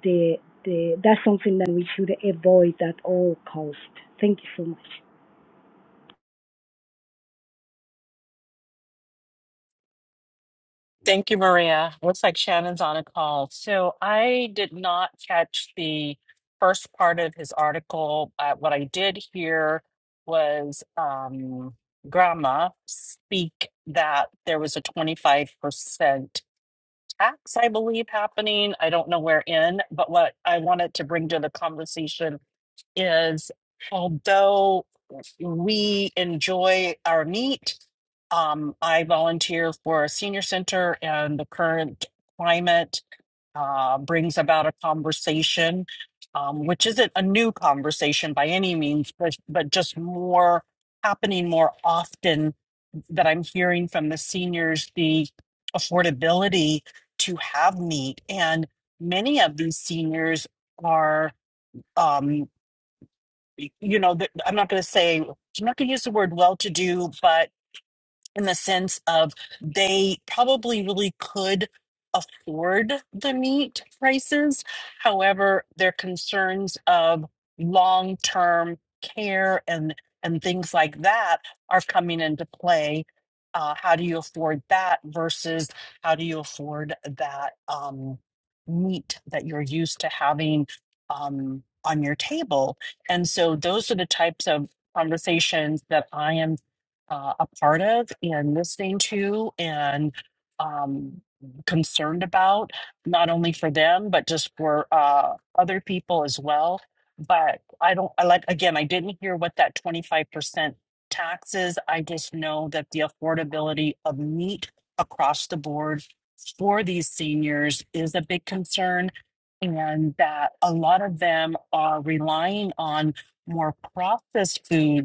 Speaker 8: the, the, that's something that we should avoid at all cost. Thank you so much.
Speaker 6: Thank you, Maria. Looks like Shannon's on a call. So I did not catch the first part of his article. Uh, what I did hear was um, Grandma speak that there was a 25% tax, I believe, happening. I don't know where in, but what I wanted to bring to the conversation is although we enjoy our meat, um, I volunteer for a senior center, and the current climate uh, brings about a conversation, um, which isn't a new conversation by any means, but, but just more happening more often that I'm hearing from the seniors the affordability to have meat. And many of these seniors are. Um, you know, that- I'm not going to say, I'm not going to use the word well to do, but in the sense of they probably really could afford the meat prices. However, their concerns of long term care and and things like that are coming into play. Uh, how do you afford that versus how do you afford that um, meat that you're used to having um, on your table? And so those are the types of conversations that I am uh, a part of and listening to and um, concerned about, not only for them, but just for uh, other people as well. But I don't, I like, again, I didn't hear what that 25% tax is. I just know that the affordability of meat across the board for these seniors is a big concern. And that a lot of them are relying on more processed food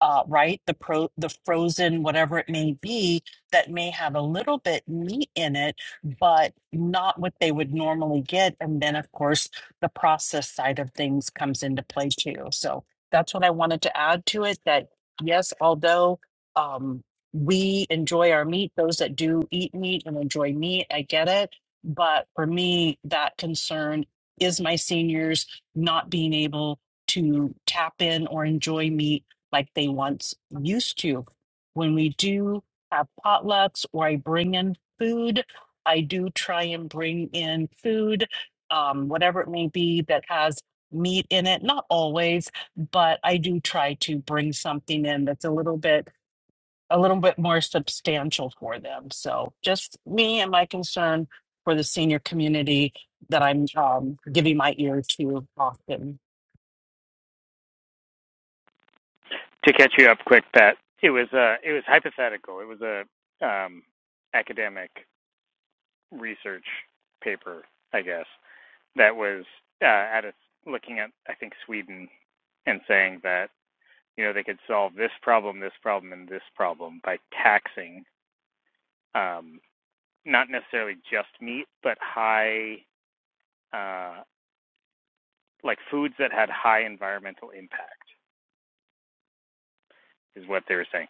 Speaker 6: uh, right? The pro, the frozen, whatever it may be, that may have a little bit meat in it, but not what they would normally get. And then, of course, the process side of things comes into play too. So that's what I wanted to add to it. That yes, although um, we enjoy our meat, those that do eat meat and enjoy meat, I get it. But for me, that concern is my seniors not being able to tap in or enjoy meat like they once used to. When we do have potlucks or I bring in food, I do try and bring in food, um, whatever it may be that has meat in it. Not always, but I do try to bring something in that's a little bit a little bit more substantial for them. So just me and my concern for the senior community that I'm um, giving my ear to often.
Speaker 5: To catch you up quick, Pat, it was uh, it was hypothetical. It was a um, academic research paper, I guess, that was uh, at a, looking at I think Sweden and saying that you know they could solve this problem, this problem, and this problem by taxing um, not necessarily just meat, but high uh, like foods that had high environmental impact is what they were saying.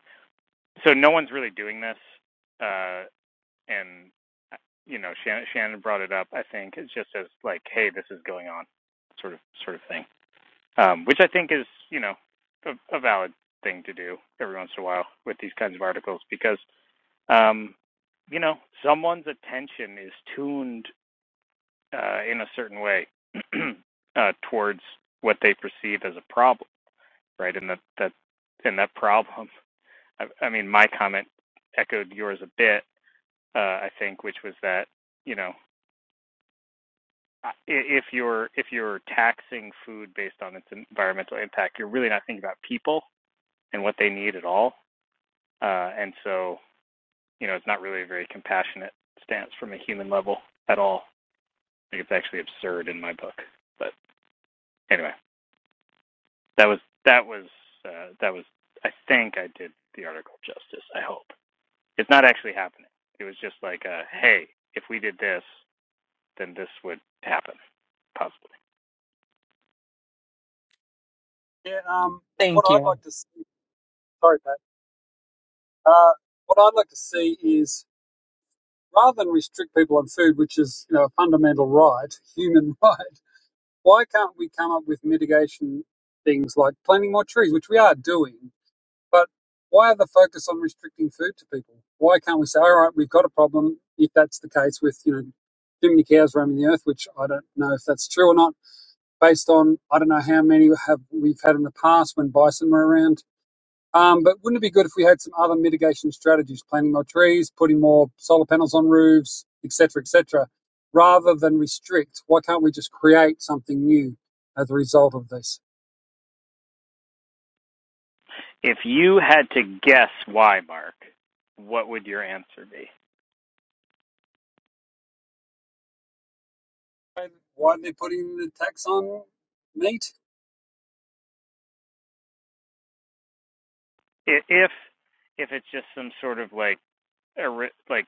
Speaker 5: so no one's really doing this, uh, and uh, you know, Shannon, Shannon brought it up. I think it's just as like, hey, this is going on, sort of sort of thing, um, which I think is you know a, a valid thing to do every once in a while with these kinds of articles because um, you know someone's attention is tuned uh, in a certain way uh, towards what they perceive as a problem, right? And that that and that problem. I, I mean, my comment echoed yours a bit uh, I think, which was that you know if you're if you're taxing food based on its environmental impact, you're really not thinking about people and what they need at all, uh, and so you know it's not really a very compassionate stance from a human level at all. I think it's actually absurd in my book. But anyway, that was that was uh, that was I think I did the article justice. I hope it's not actually happening. It was just like, uh, hey, if we did this, then this would happen. Possibly.
Speaker 3: Yeah, um, what
Speaker 6: Thank
Speaker 3: I'd
Speaker 6: you.
Speaker 3: like to see, sorry, Pat. Uh, what I'd like to see is rather than restrict people on food, which is you know a fundamental right, human right, why can't we come up with mitigation things like planting more trees, which we are doing? But why the focus on restricting food to people? Why can't we say, all right, we've got a problem if that's the case with you know too many cows roaming the earth, which I don't know if that's true or not, based on I don't know how many have we've had in the past when bison were around Um, but wouldn't it be good if we had some other mitigation strategies, planting more trees, putting more solar panels on roofs, et cetera, et cetera, rather than restrict? Why can't we just create something new as a result of this?
Speaker 5: If you had to guess why, Mark, what would your answer be?
Speaker 3: Why are they putting the tax on meat?
Speaker 5: If if it's just some sort of like like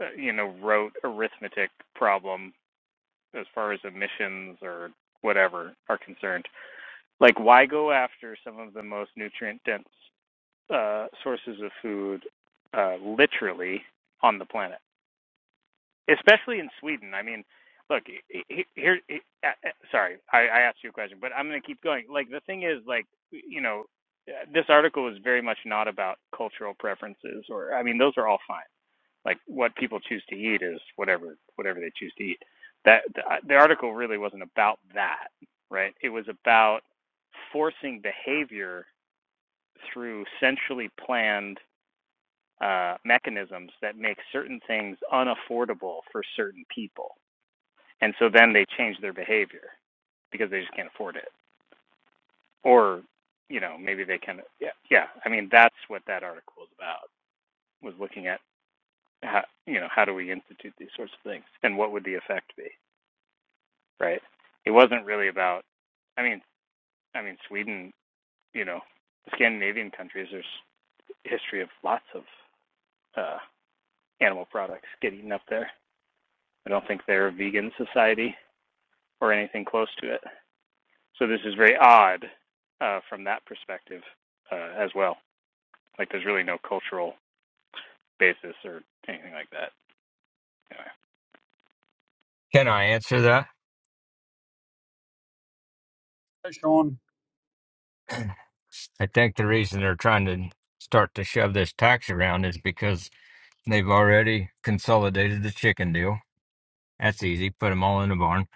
Speaker 5: uh, you know rote arithmetic problem as far as emissions or whatever are concerned, like why go after some of the most nutrient dense uh, sources of food uh, literally on the planet? especially in Sweden. I mean, look he- here. uh, uh, Sorry, I, I asked you a question, but I'm going to keep going. Like the thing is, like you know, uh, this article is very much not about cultural preferences, or I mean, those are all fine. Like what people choose to eat is whatever whatever they choose to eat. That the, uh, the article really wasn't about that, right? It was about forcing behavior through centrally planned uh, mechanisms that make certain things unaffordable for certain people and so then they change their behavior because they just can't afford it or you know maybe they can yeah yeah i mean that's what that article was about was looking at how you know how do we institute these sorts of things and what would the effect be right it wasn't really about i mean i mean sweden you know the scandinavian countries there's a history of lots of uh animal products get eaten up there i don't think they're a vegan society or anything close to it So this is very odd uh, from that perspective uh, as well. Like there's really no cultural basis or anything like that. Anyway.
Speaker 4: Can I answer that?
Speaker 3: Hey, Sean,
Speaker 4: I think the reason they're trying to start to shove this tax around is because they've already consolidated the chicken deal. That's easy. Put them all in a barn.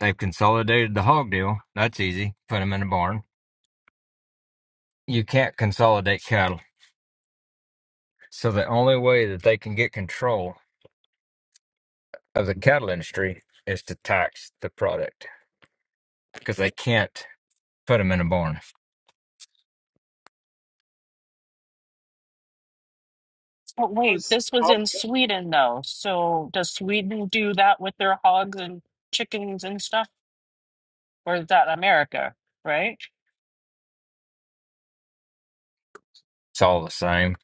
Speaker 4: They've consolidated the hog deal. That's easy. Put them in a barn. You can't consolidate cattle. So the only way that they can get control of the cattle industry is to tax the product because they can't put them in a barn.
Speaker 6: But
Speaker 3: I
Speaker 6: wait,
Speaker 3: was,
Speaker 6: this was
Speaker 3: I'll
Speaker 6: in Sweden though. So does Sweden do that with their hogs and chickens and stuff? Or is that America, right?
Speaker 4: It's all the same.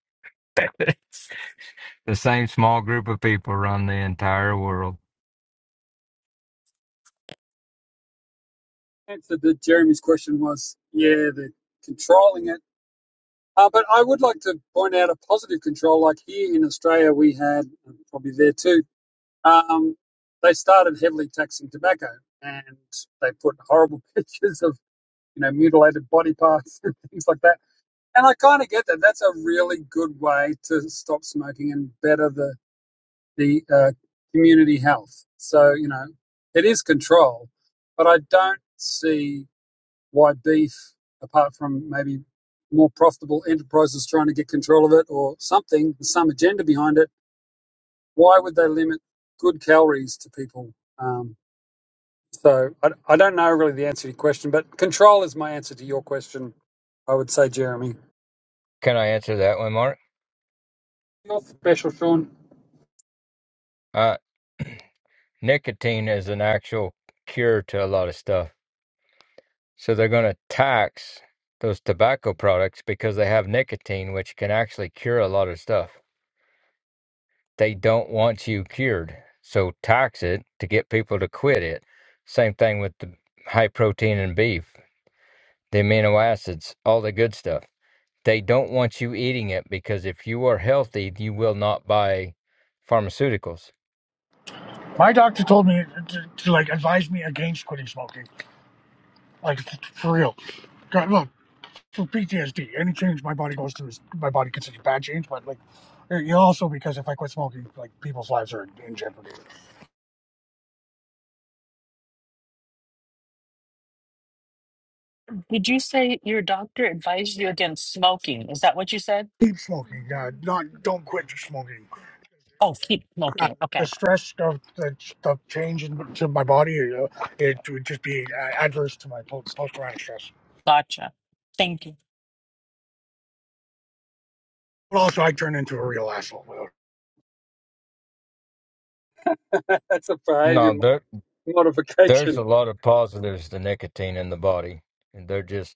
Speaker 4: the same small group of people run the entire world.
Speaker 3: answer that Jeremy's question was, yeah, they're controlling it. Uh, but I would like to point out a positive control, like here in Australia, we had, probably there too, Um, they started heavily taxing tobacco, and they put horrible pictures of you know mutilated body parts and things like that. And I kind of get that. That's a really good way to stop smoking and better the the uh, community health. So you know, it is control, but I don't see why beef, apart from maybe more profitable enterprises trying to get control of it or something, some agenda behind it. Why would they limit good calories to people? Um, So I, I don't know really the answer to your question, but control is my answer to your question. I would say, Jeremy,
Speaker 4: Can I answer that one, Mark?
Speaker 3: you're special, Sean.
Speaker 4: Uh, nicotine is an actual cure to a lot of stuff. So they're going to tax those tobacco products because they have nicotine, which can actually cure a lot of stuff. They don't want you cured. So tax it to get people to quit it. Same thing with the high protein and beef, the amino acids, all the good stuff. They don't want you eating it because if you are healthy, you will not buy pharmaceuticals.
Speaker 9: My doctor told me to, to like advise me against quitting smoking, like for real. God, look, for PTSD, any change my body goes through is my body considers a bad change, but like, eh, you also because if I quit smoking, like people's lives are in jeopardy.
Speaker 6: Did you say your doctor advised you against smoking? Is that what you said?
Speaker 9: Keep smoking, uh, not don't quit smoking.
Speaker 6: Oh, keep
Speaker 9: Uh,
Speaker 6: smoking.
Speaker 9: the
Speaker 6: Okay.
Speaker 9: stress of the, the change in, to my body, uh, it would just be uh, adverse to my post traumatic stress.
Speaker 6: Gotcha. Thank you.
Speaker 9: But also, I turn into a real asshole.
Speaker 3: That's a behaviour
Speaker 4: No, there there's
Speaker 3: modification.
Speaker 4: a
Speaker 3: I
Speaker 4: lot of positives to nicotine in the body. And they're just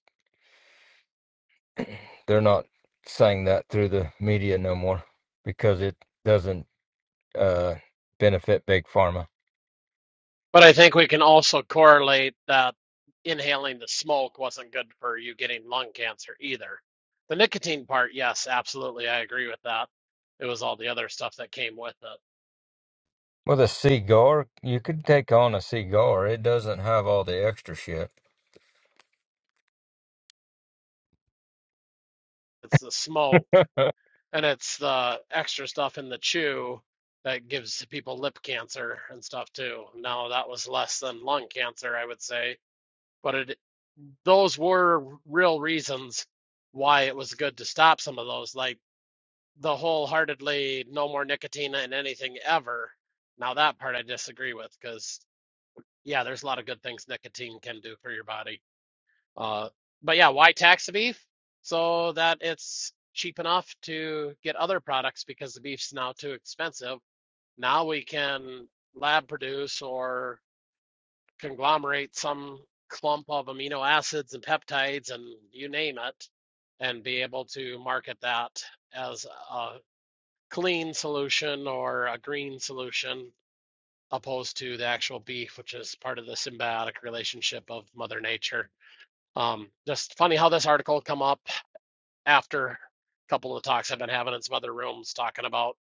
Speaker 4: they're not saying that through the media no more because it doesn't uh benefit big pharma.
Speaker 10: But I think we can also correlate that inhaling the smoke wasn't good for you getting lung cancer either. The nicotine part, yes, absolutely. I agree with that. It was all the other stuff that came with it.
Speaker 4: With a cigar, you could take on a cigar. It doesn't have all the extra shit.
Speaker 10: It's the smoke
Speaker 4: well,
Speaker 10: and it's the extra stuff in the chew that gives people lip cancer and stuff too. Now, that was less than lung cancer, I would say, but it, those were real reasons why it was good to stop some of those. Like, the wholeheartedly no more nicotine in anything ever. Now that part I disagree with because yeah, there's a lot of good things nicotine can do for your body. Uh, but yeah, why tax the beef? So that it's cheap enough to get other products because the beef's now too expensive. Now we can lab produce or conglomerate some clump of amino acids and peptides and you name it and be able to market that as a clean solution or a green solution opposed to the actual beef which is part of the symbiotic relationship of mother nature um, just funny how this article come up after a couple of talks i've been having in some other rooms talking about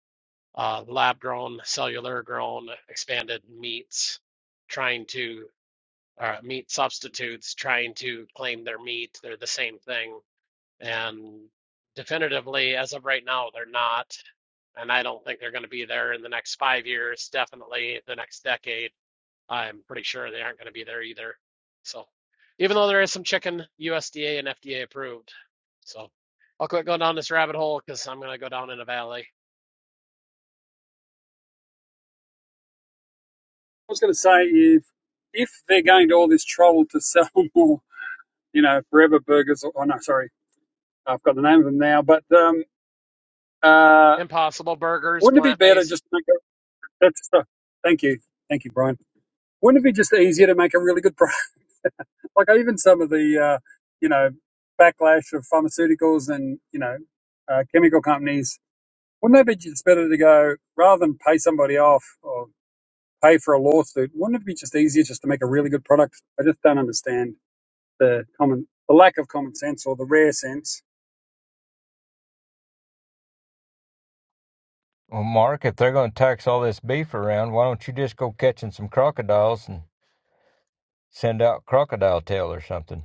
Speaker 10: uh, lab grown cellular grown expanded meats trying to uh, meat substitutes trying to claim their meat they're the same thing and definitively, as of right now, they're not. And I don't think they're going to be there in the next five years, definitely the next decade. I'm pretty sure they aren't going to be there either. So, even though there is some chicken USDA and FDA approved. So, I'll quit going down this rabbit hole because I'm going to go down in a valley.
Speaker 3: was going to say if if they're going to all this trouble to sell more, you know, Forever Burgers. Or, oh no, sorry, I've got the name of them now. But um, uh,
Speaker 10: Impossible burgers,
Speaker 3: wouldn't it be
Speaker 10: plant
Speaker 3: better
Speaker 10: based.
Speaker 3: just to make a, that's uh, thank you, thank you, Brian. Wouldn't it be just easier to make a really good product? Like even some of the, uh, you know, backlash of pharmaceuticals and you know, uh, chemical companies. Wouldn't it be just better to go rather than pay somebody off or pay for a lawsuit? Wouldn't it be just easier just to make a really good product? I just don't understand the common, the lack of common sense or the rare sense.
Speaker 4: Mark, if they're going to tax all this beef around, why don't you just go catching some crocodiles and send out crocodile tail or something?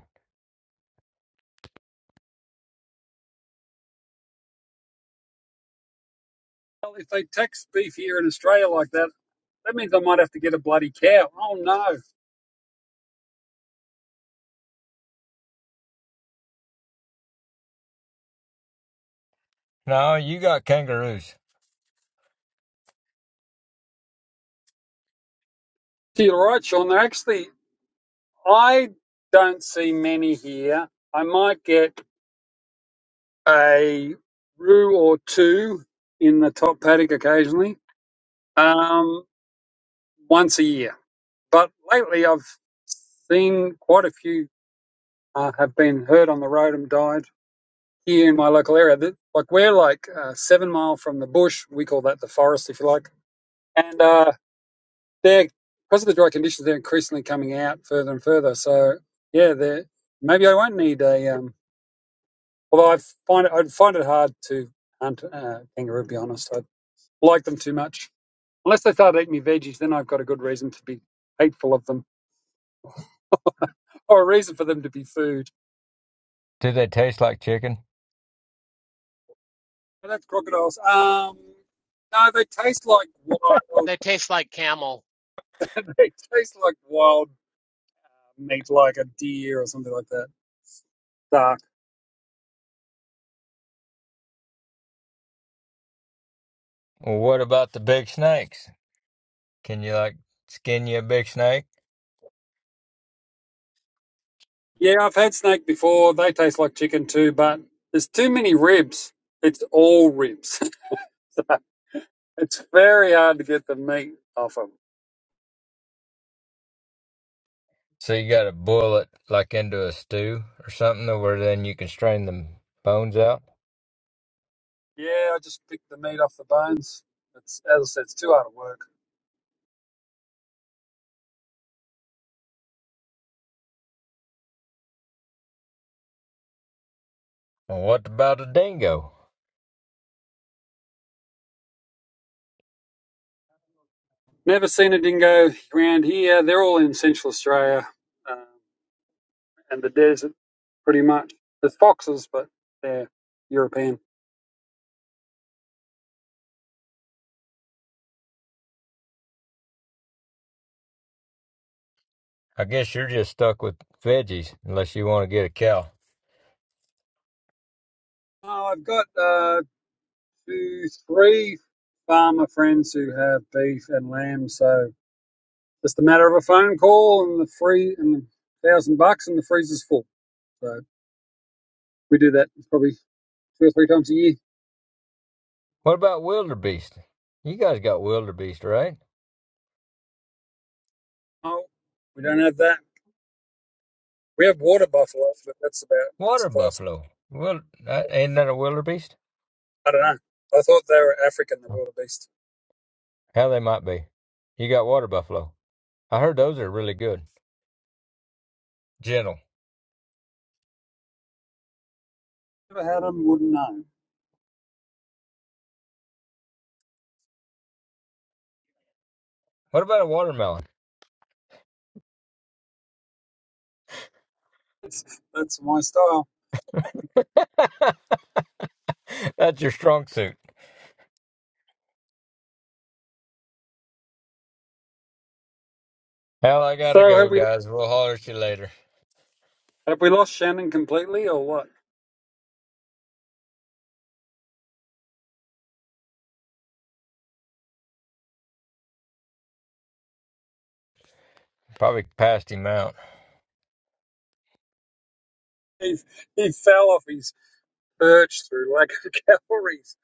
Speaker 3: Well, if they tax beef here in Australia like that, that means I might have to get a bloody cow. Oh no!
Speaker 4: No, you got kangaroos.
Speaker 3: You're right, Sean. They're actually I don't see many here. I might get a roo or two in the top paddock occasionally, um, once a year. But lately, I've seen quite a few uh, have been hurt on the road and died here in my local area. That, like we're like uh, seven mile from the bush. We call that the forest, if you like. And uh, they're because of the dry conditions, they're increasingly coming out further and further. So yeah, they are maybe I won't need a. Um, although I find it, I'd find it hard to hunt uh, kangaroo. To be honest, I like them too much. Unless they start eating me veggies, then I've got a good reason to be hateful of them, or a reason for them to be food.
Speaker 4: Do they taste like chicken?
Speaker 3: And that's crocodiles. Um, no, they taste like wild.
Speaker 10: They taste like camel.
Speaker 3: They taste like wild meat, like a deer or something like that. Dark.
Speaker 4: Well, what about the big snakes? Can you, like, skin you a big snake?
Speaker 3: Yeah, I've had snake before. They taste like chicken too, but there's too many ribs. It's all ribs. so it's very hard to get the meat off them.
Speaker 4: So you got to boil it, like, into a stew or something, where then you can strain the bones out?
Speaker 3: Yeah, I just pick the meat off the bones. It's as I said, it's too hard to work.
Speaker 4: Well, what about a dingo?
Speaker 3: Never seen a dingo around here. They're all in Central Australia um, and the desert, pretty much. There's foxes, but they're European.
Speaker 4: I guess you're just stuck with veggies unless you want to get a cow.
Speaker 3: Oh, I've got uh, two, three farmer friends who have beef and lamb, so just a matter of a phone call and the free and a thousand bucks and the freezer's full. So we do that probably two or three times a year.
Speaker 4: What about wildebeest? You guys got wildebeest, right?
Speaker 3: Oh, we don't have that. We have water buffalo, but that's about as
Speaker 4: Water
Speaker 3: close.
Speaker 4: buffalo. Well, that, ain't that a wildebeest?
Speaker 3: I don't know. I thought they were African, the wildebeest.
Speaker 4: How they might be. You got water buffalo. I heard those are really good. Gentle.
Speaker 3: Never had them, wouldn't know.
Speaker 4: What about a watermelon?
Speaker 3: That's, that's my style.
Speaker 4: That's your strong suit. Hell, I gotta
Speaker 3: So
Speaker 4: go,
Speaker 3: have we
Speaker 4: guys. We'll holler at you later.
Speaker 3: have we lost Shannon completely or what?
Speaker 4: Probably passed him out.
Speaker 3: He he fell off his perch through lack of calories.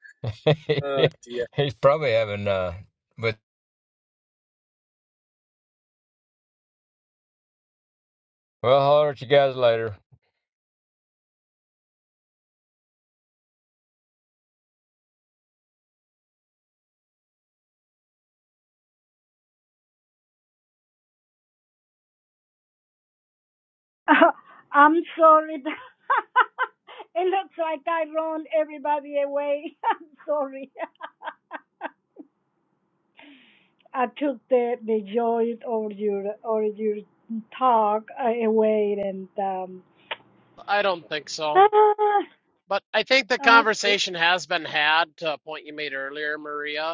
Speaker 3: Oh dear.
Speaker 4: He's probably having uh. But we'll holler at you guys later.
Speaker 8: Uh, I'm sorry. it looks like I run everybody away. I'm sorry. I took the, the joy of your or your talk uh, away and um
Speaker 10: I don't think so.
Speaker 8: ah,
Speaker 10: But I think the
Speaker 8: okay
Speaker 10: conversation has been had to a point you made earlier, Maria,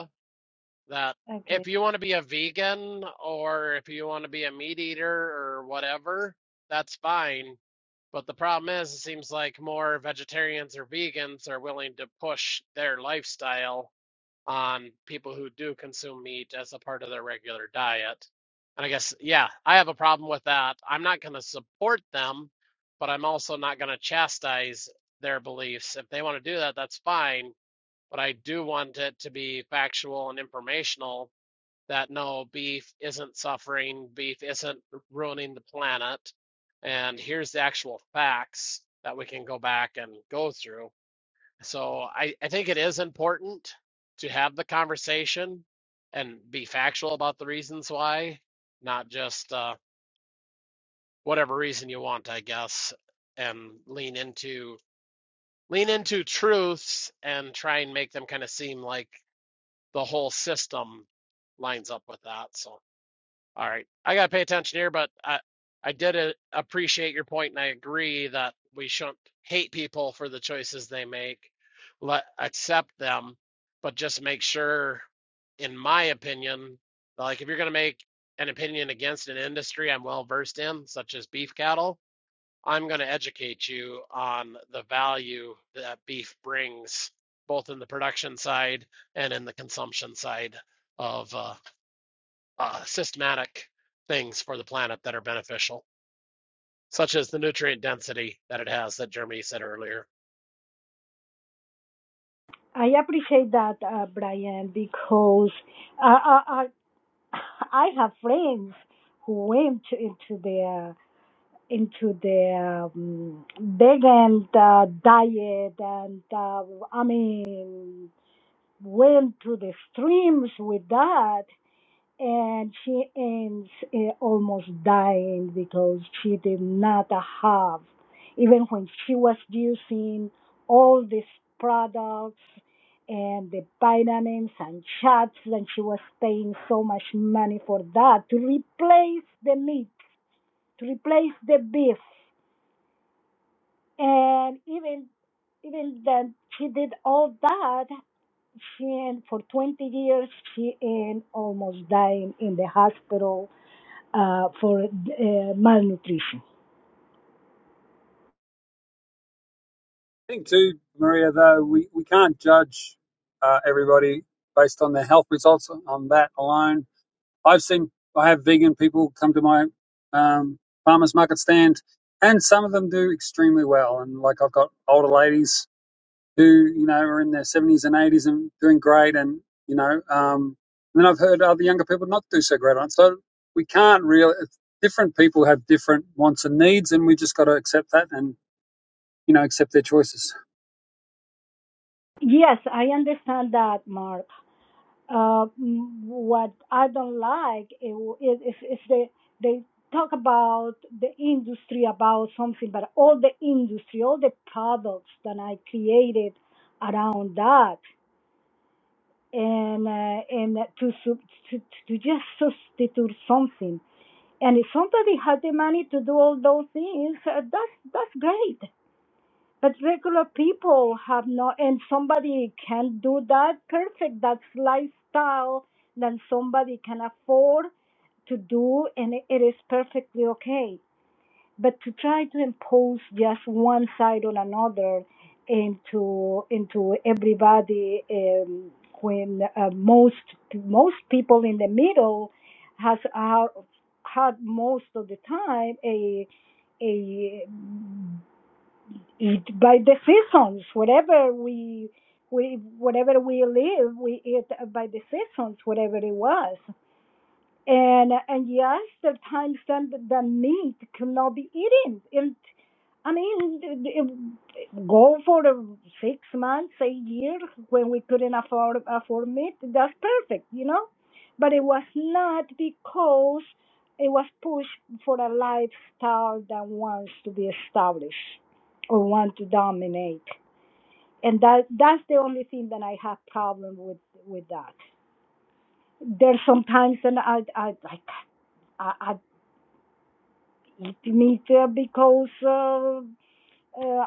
Speaker 10: that
Speaker 8: okay
Speaker 10: if you want to be a vegan or if you want to be a meat eater or whatever, that's fine. But the problem is, it seems like more vegetarians or vegans are willing to push their lifestyle on people who do consume meat as a part of their regular diet. And I guess, yeah, I have a problem with that. I'm not going to support them, but I'm also not going to chastise their beliefs. If they want to do that, that's fine but I do want it to be factual and informational that no, beef isn't suffering, beef isn't ruining the planet, and here's the actual facts that we can go back and go through. So I, I think it is important to have the conversation and be factual about the reasons why, not just uh, whatever reason you want, I guess, and lean into lean into truths and try and make them kind of seem like the whole system lines up with that. So. All right. I got to pay attention here, but I, I did uh, appreciate your point, and I agree that we shouldn't hate people for the choices they make. Let accept them, but just make sure, in my opinion, like if you're going to make an opinion against an industry I'm well versed in, such as beef cattle, I'm going to educate you on the value that beef brings, both in the production side and in the consumption side of. uh, uh, systematic things for the planet that are beneficial, such as the nutrient density that it has that Jeremy said earlier.
Speaker 8: I appreciate that uh, Brian because uh, I, I have friends who went to, into their into their um, vegan uh, diet and uh, I mean went to the extremes with that and she ends uh, almost dying because she did not have, even when she was using all these products and the vitamins and shots, and she was paying so much money for that to replace the meat, to replace the beef, and even even then she did all that. She and for 20 years she and almost dying in the hospital uh, for uh, malnutrition.
Speaker 3: I think too, Maria, though, we, we can't judge uh, everybody based on their health results on that alone. I've seen I have vegan people come to my um, farmers market stand and some of them do extremely well and like I've got older ladies who you know are in their 70s and 80s and doing great, and you know, um, and then I've heard other younger people not do so great on it. So we can't really. Different people have different wants and needs, and we just got to accept that and you know accept their choices.
Speaker 8: Yes, I understand that, Mark. Uh, mm, what I don't like is if, if they they talk about the industry about something, but all the industry, all the products that I created around that, and uh, and to, sub- to to just substitute something. And if somebody had the money to do all those things, uh, that's that's great. But regular people have no, and somebody can do that perfect. That's lifestyle that somebody can afford to do, and it is perfectly okay. But to try to impose just one side on another into into everybody, um, when uh, most most people in the middle has are, had most of the time a a eat by the seasons. Whatever we we whatever we live, we eat by the seasons. Whatever it was and and yes, sometimes then the, the meat cannot be eaten. And I mean, it, it- go for a six months, a year when we couldn't afford afford meat. That's perfect, you know. But it was not because it was pushed for a lifestyle that wants to be established or want to dominate. And that that's the only thing that I have problem with with that. There's sometimes and I I I I, I Let me uh, because uh, uh,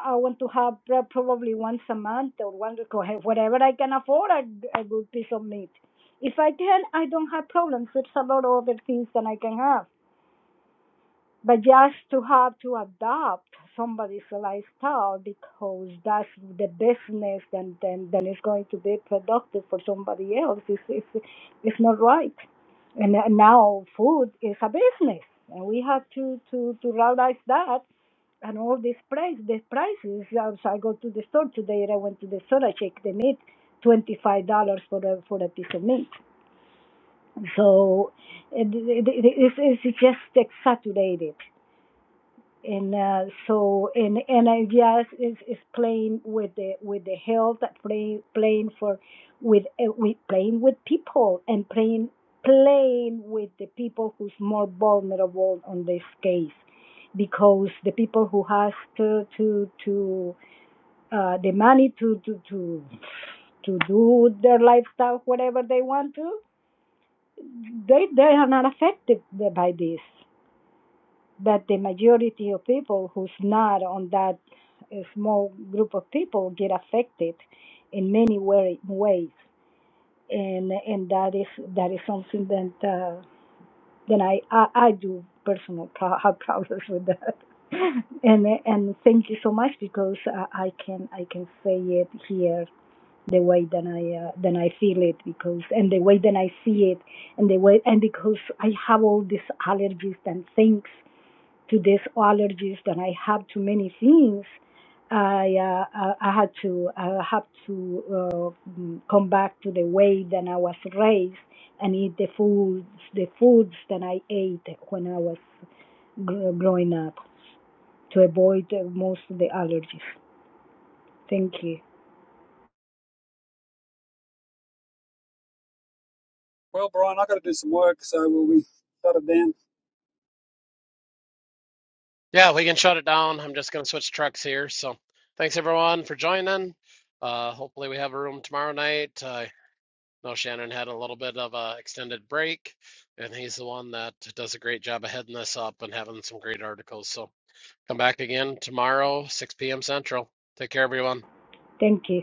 Speaker 8: I want to have uh, probably once a month or one whatever I can afford a, a good piece of meat. If I can, I don't have problems. It's a lot of other things that I can have. But just to have to adopt somebody's lifestyle because that's the business and then then it's going to be productive for somebody else. It's it's, it's not right. And now food is a business, and we have to to to realize that and all these price the prices uh, so i go to the store today i went to the store i check. the meat twenty five dollars for a for a piece of meat so it, it, it, it's, it's just exaggerated and uh, so and and I yes is is playing with the with the health playing playing for with uh, with playing with people and playing playing with the people who's more vulnerable on this case because the people who has to to to uh, the money to to to to do their lifestyle whatever they want to they they are not affected by this but the majority of people who's not on that uh, small group of people get affected in many way, ways, and and that is that is something that uh, that I, I I do personal pro- have problems with that. and and thank you so much because I, I can I can say it here the way that I uh, that I feel it because and the way that I see it and the way and because I have all these allergies and things to these allergies that I have to many things. I uh, I I had to I have to uh, mm, come back to the way that I was raised and eat the foods the foods that I ate when I was gr- growing up to avoid uh, most of the allergies. Thank you.
Speaker 3: Well, Brian, I have got to do some work, so will we shut it down?
Speaker 10: Yeah, we can shut it down. I'm just going to switch trucks here. So thanks everyone for joining. Uh, hopefully we have a room tomorrow night. Uh, I know Shannon had a little bit of an extended break, and he's the one that does a great job of heading this up and having some great articles. So come back again tomorrow, 6 p.m. Central. Take care, everyone.
Speaker 8: Thank you.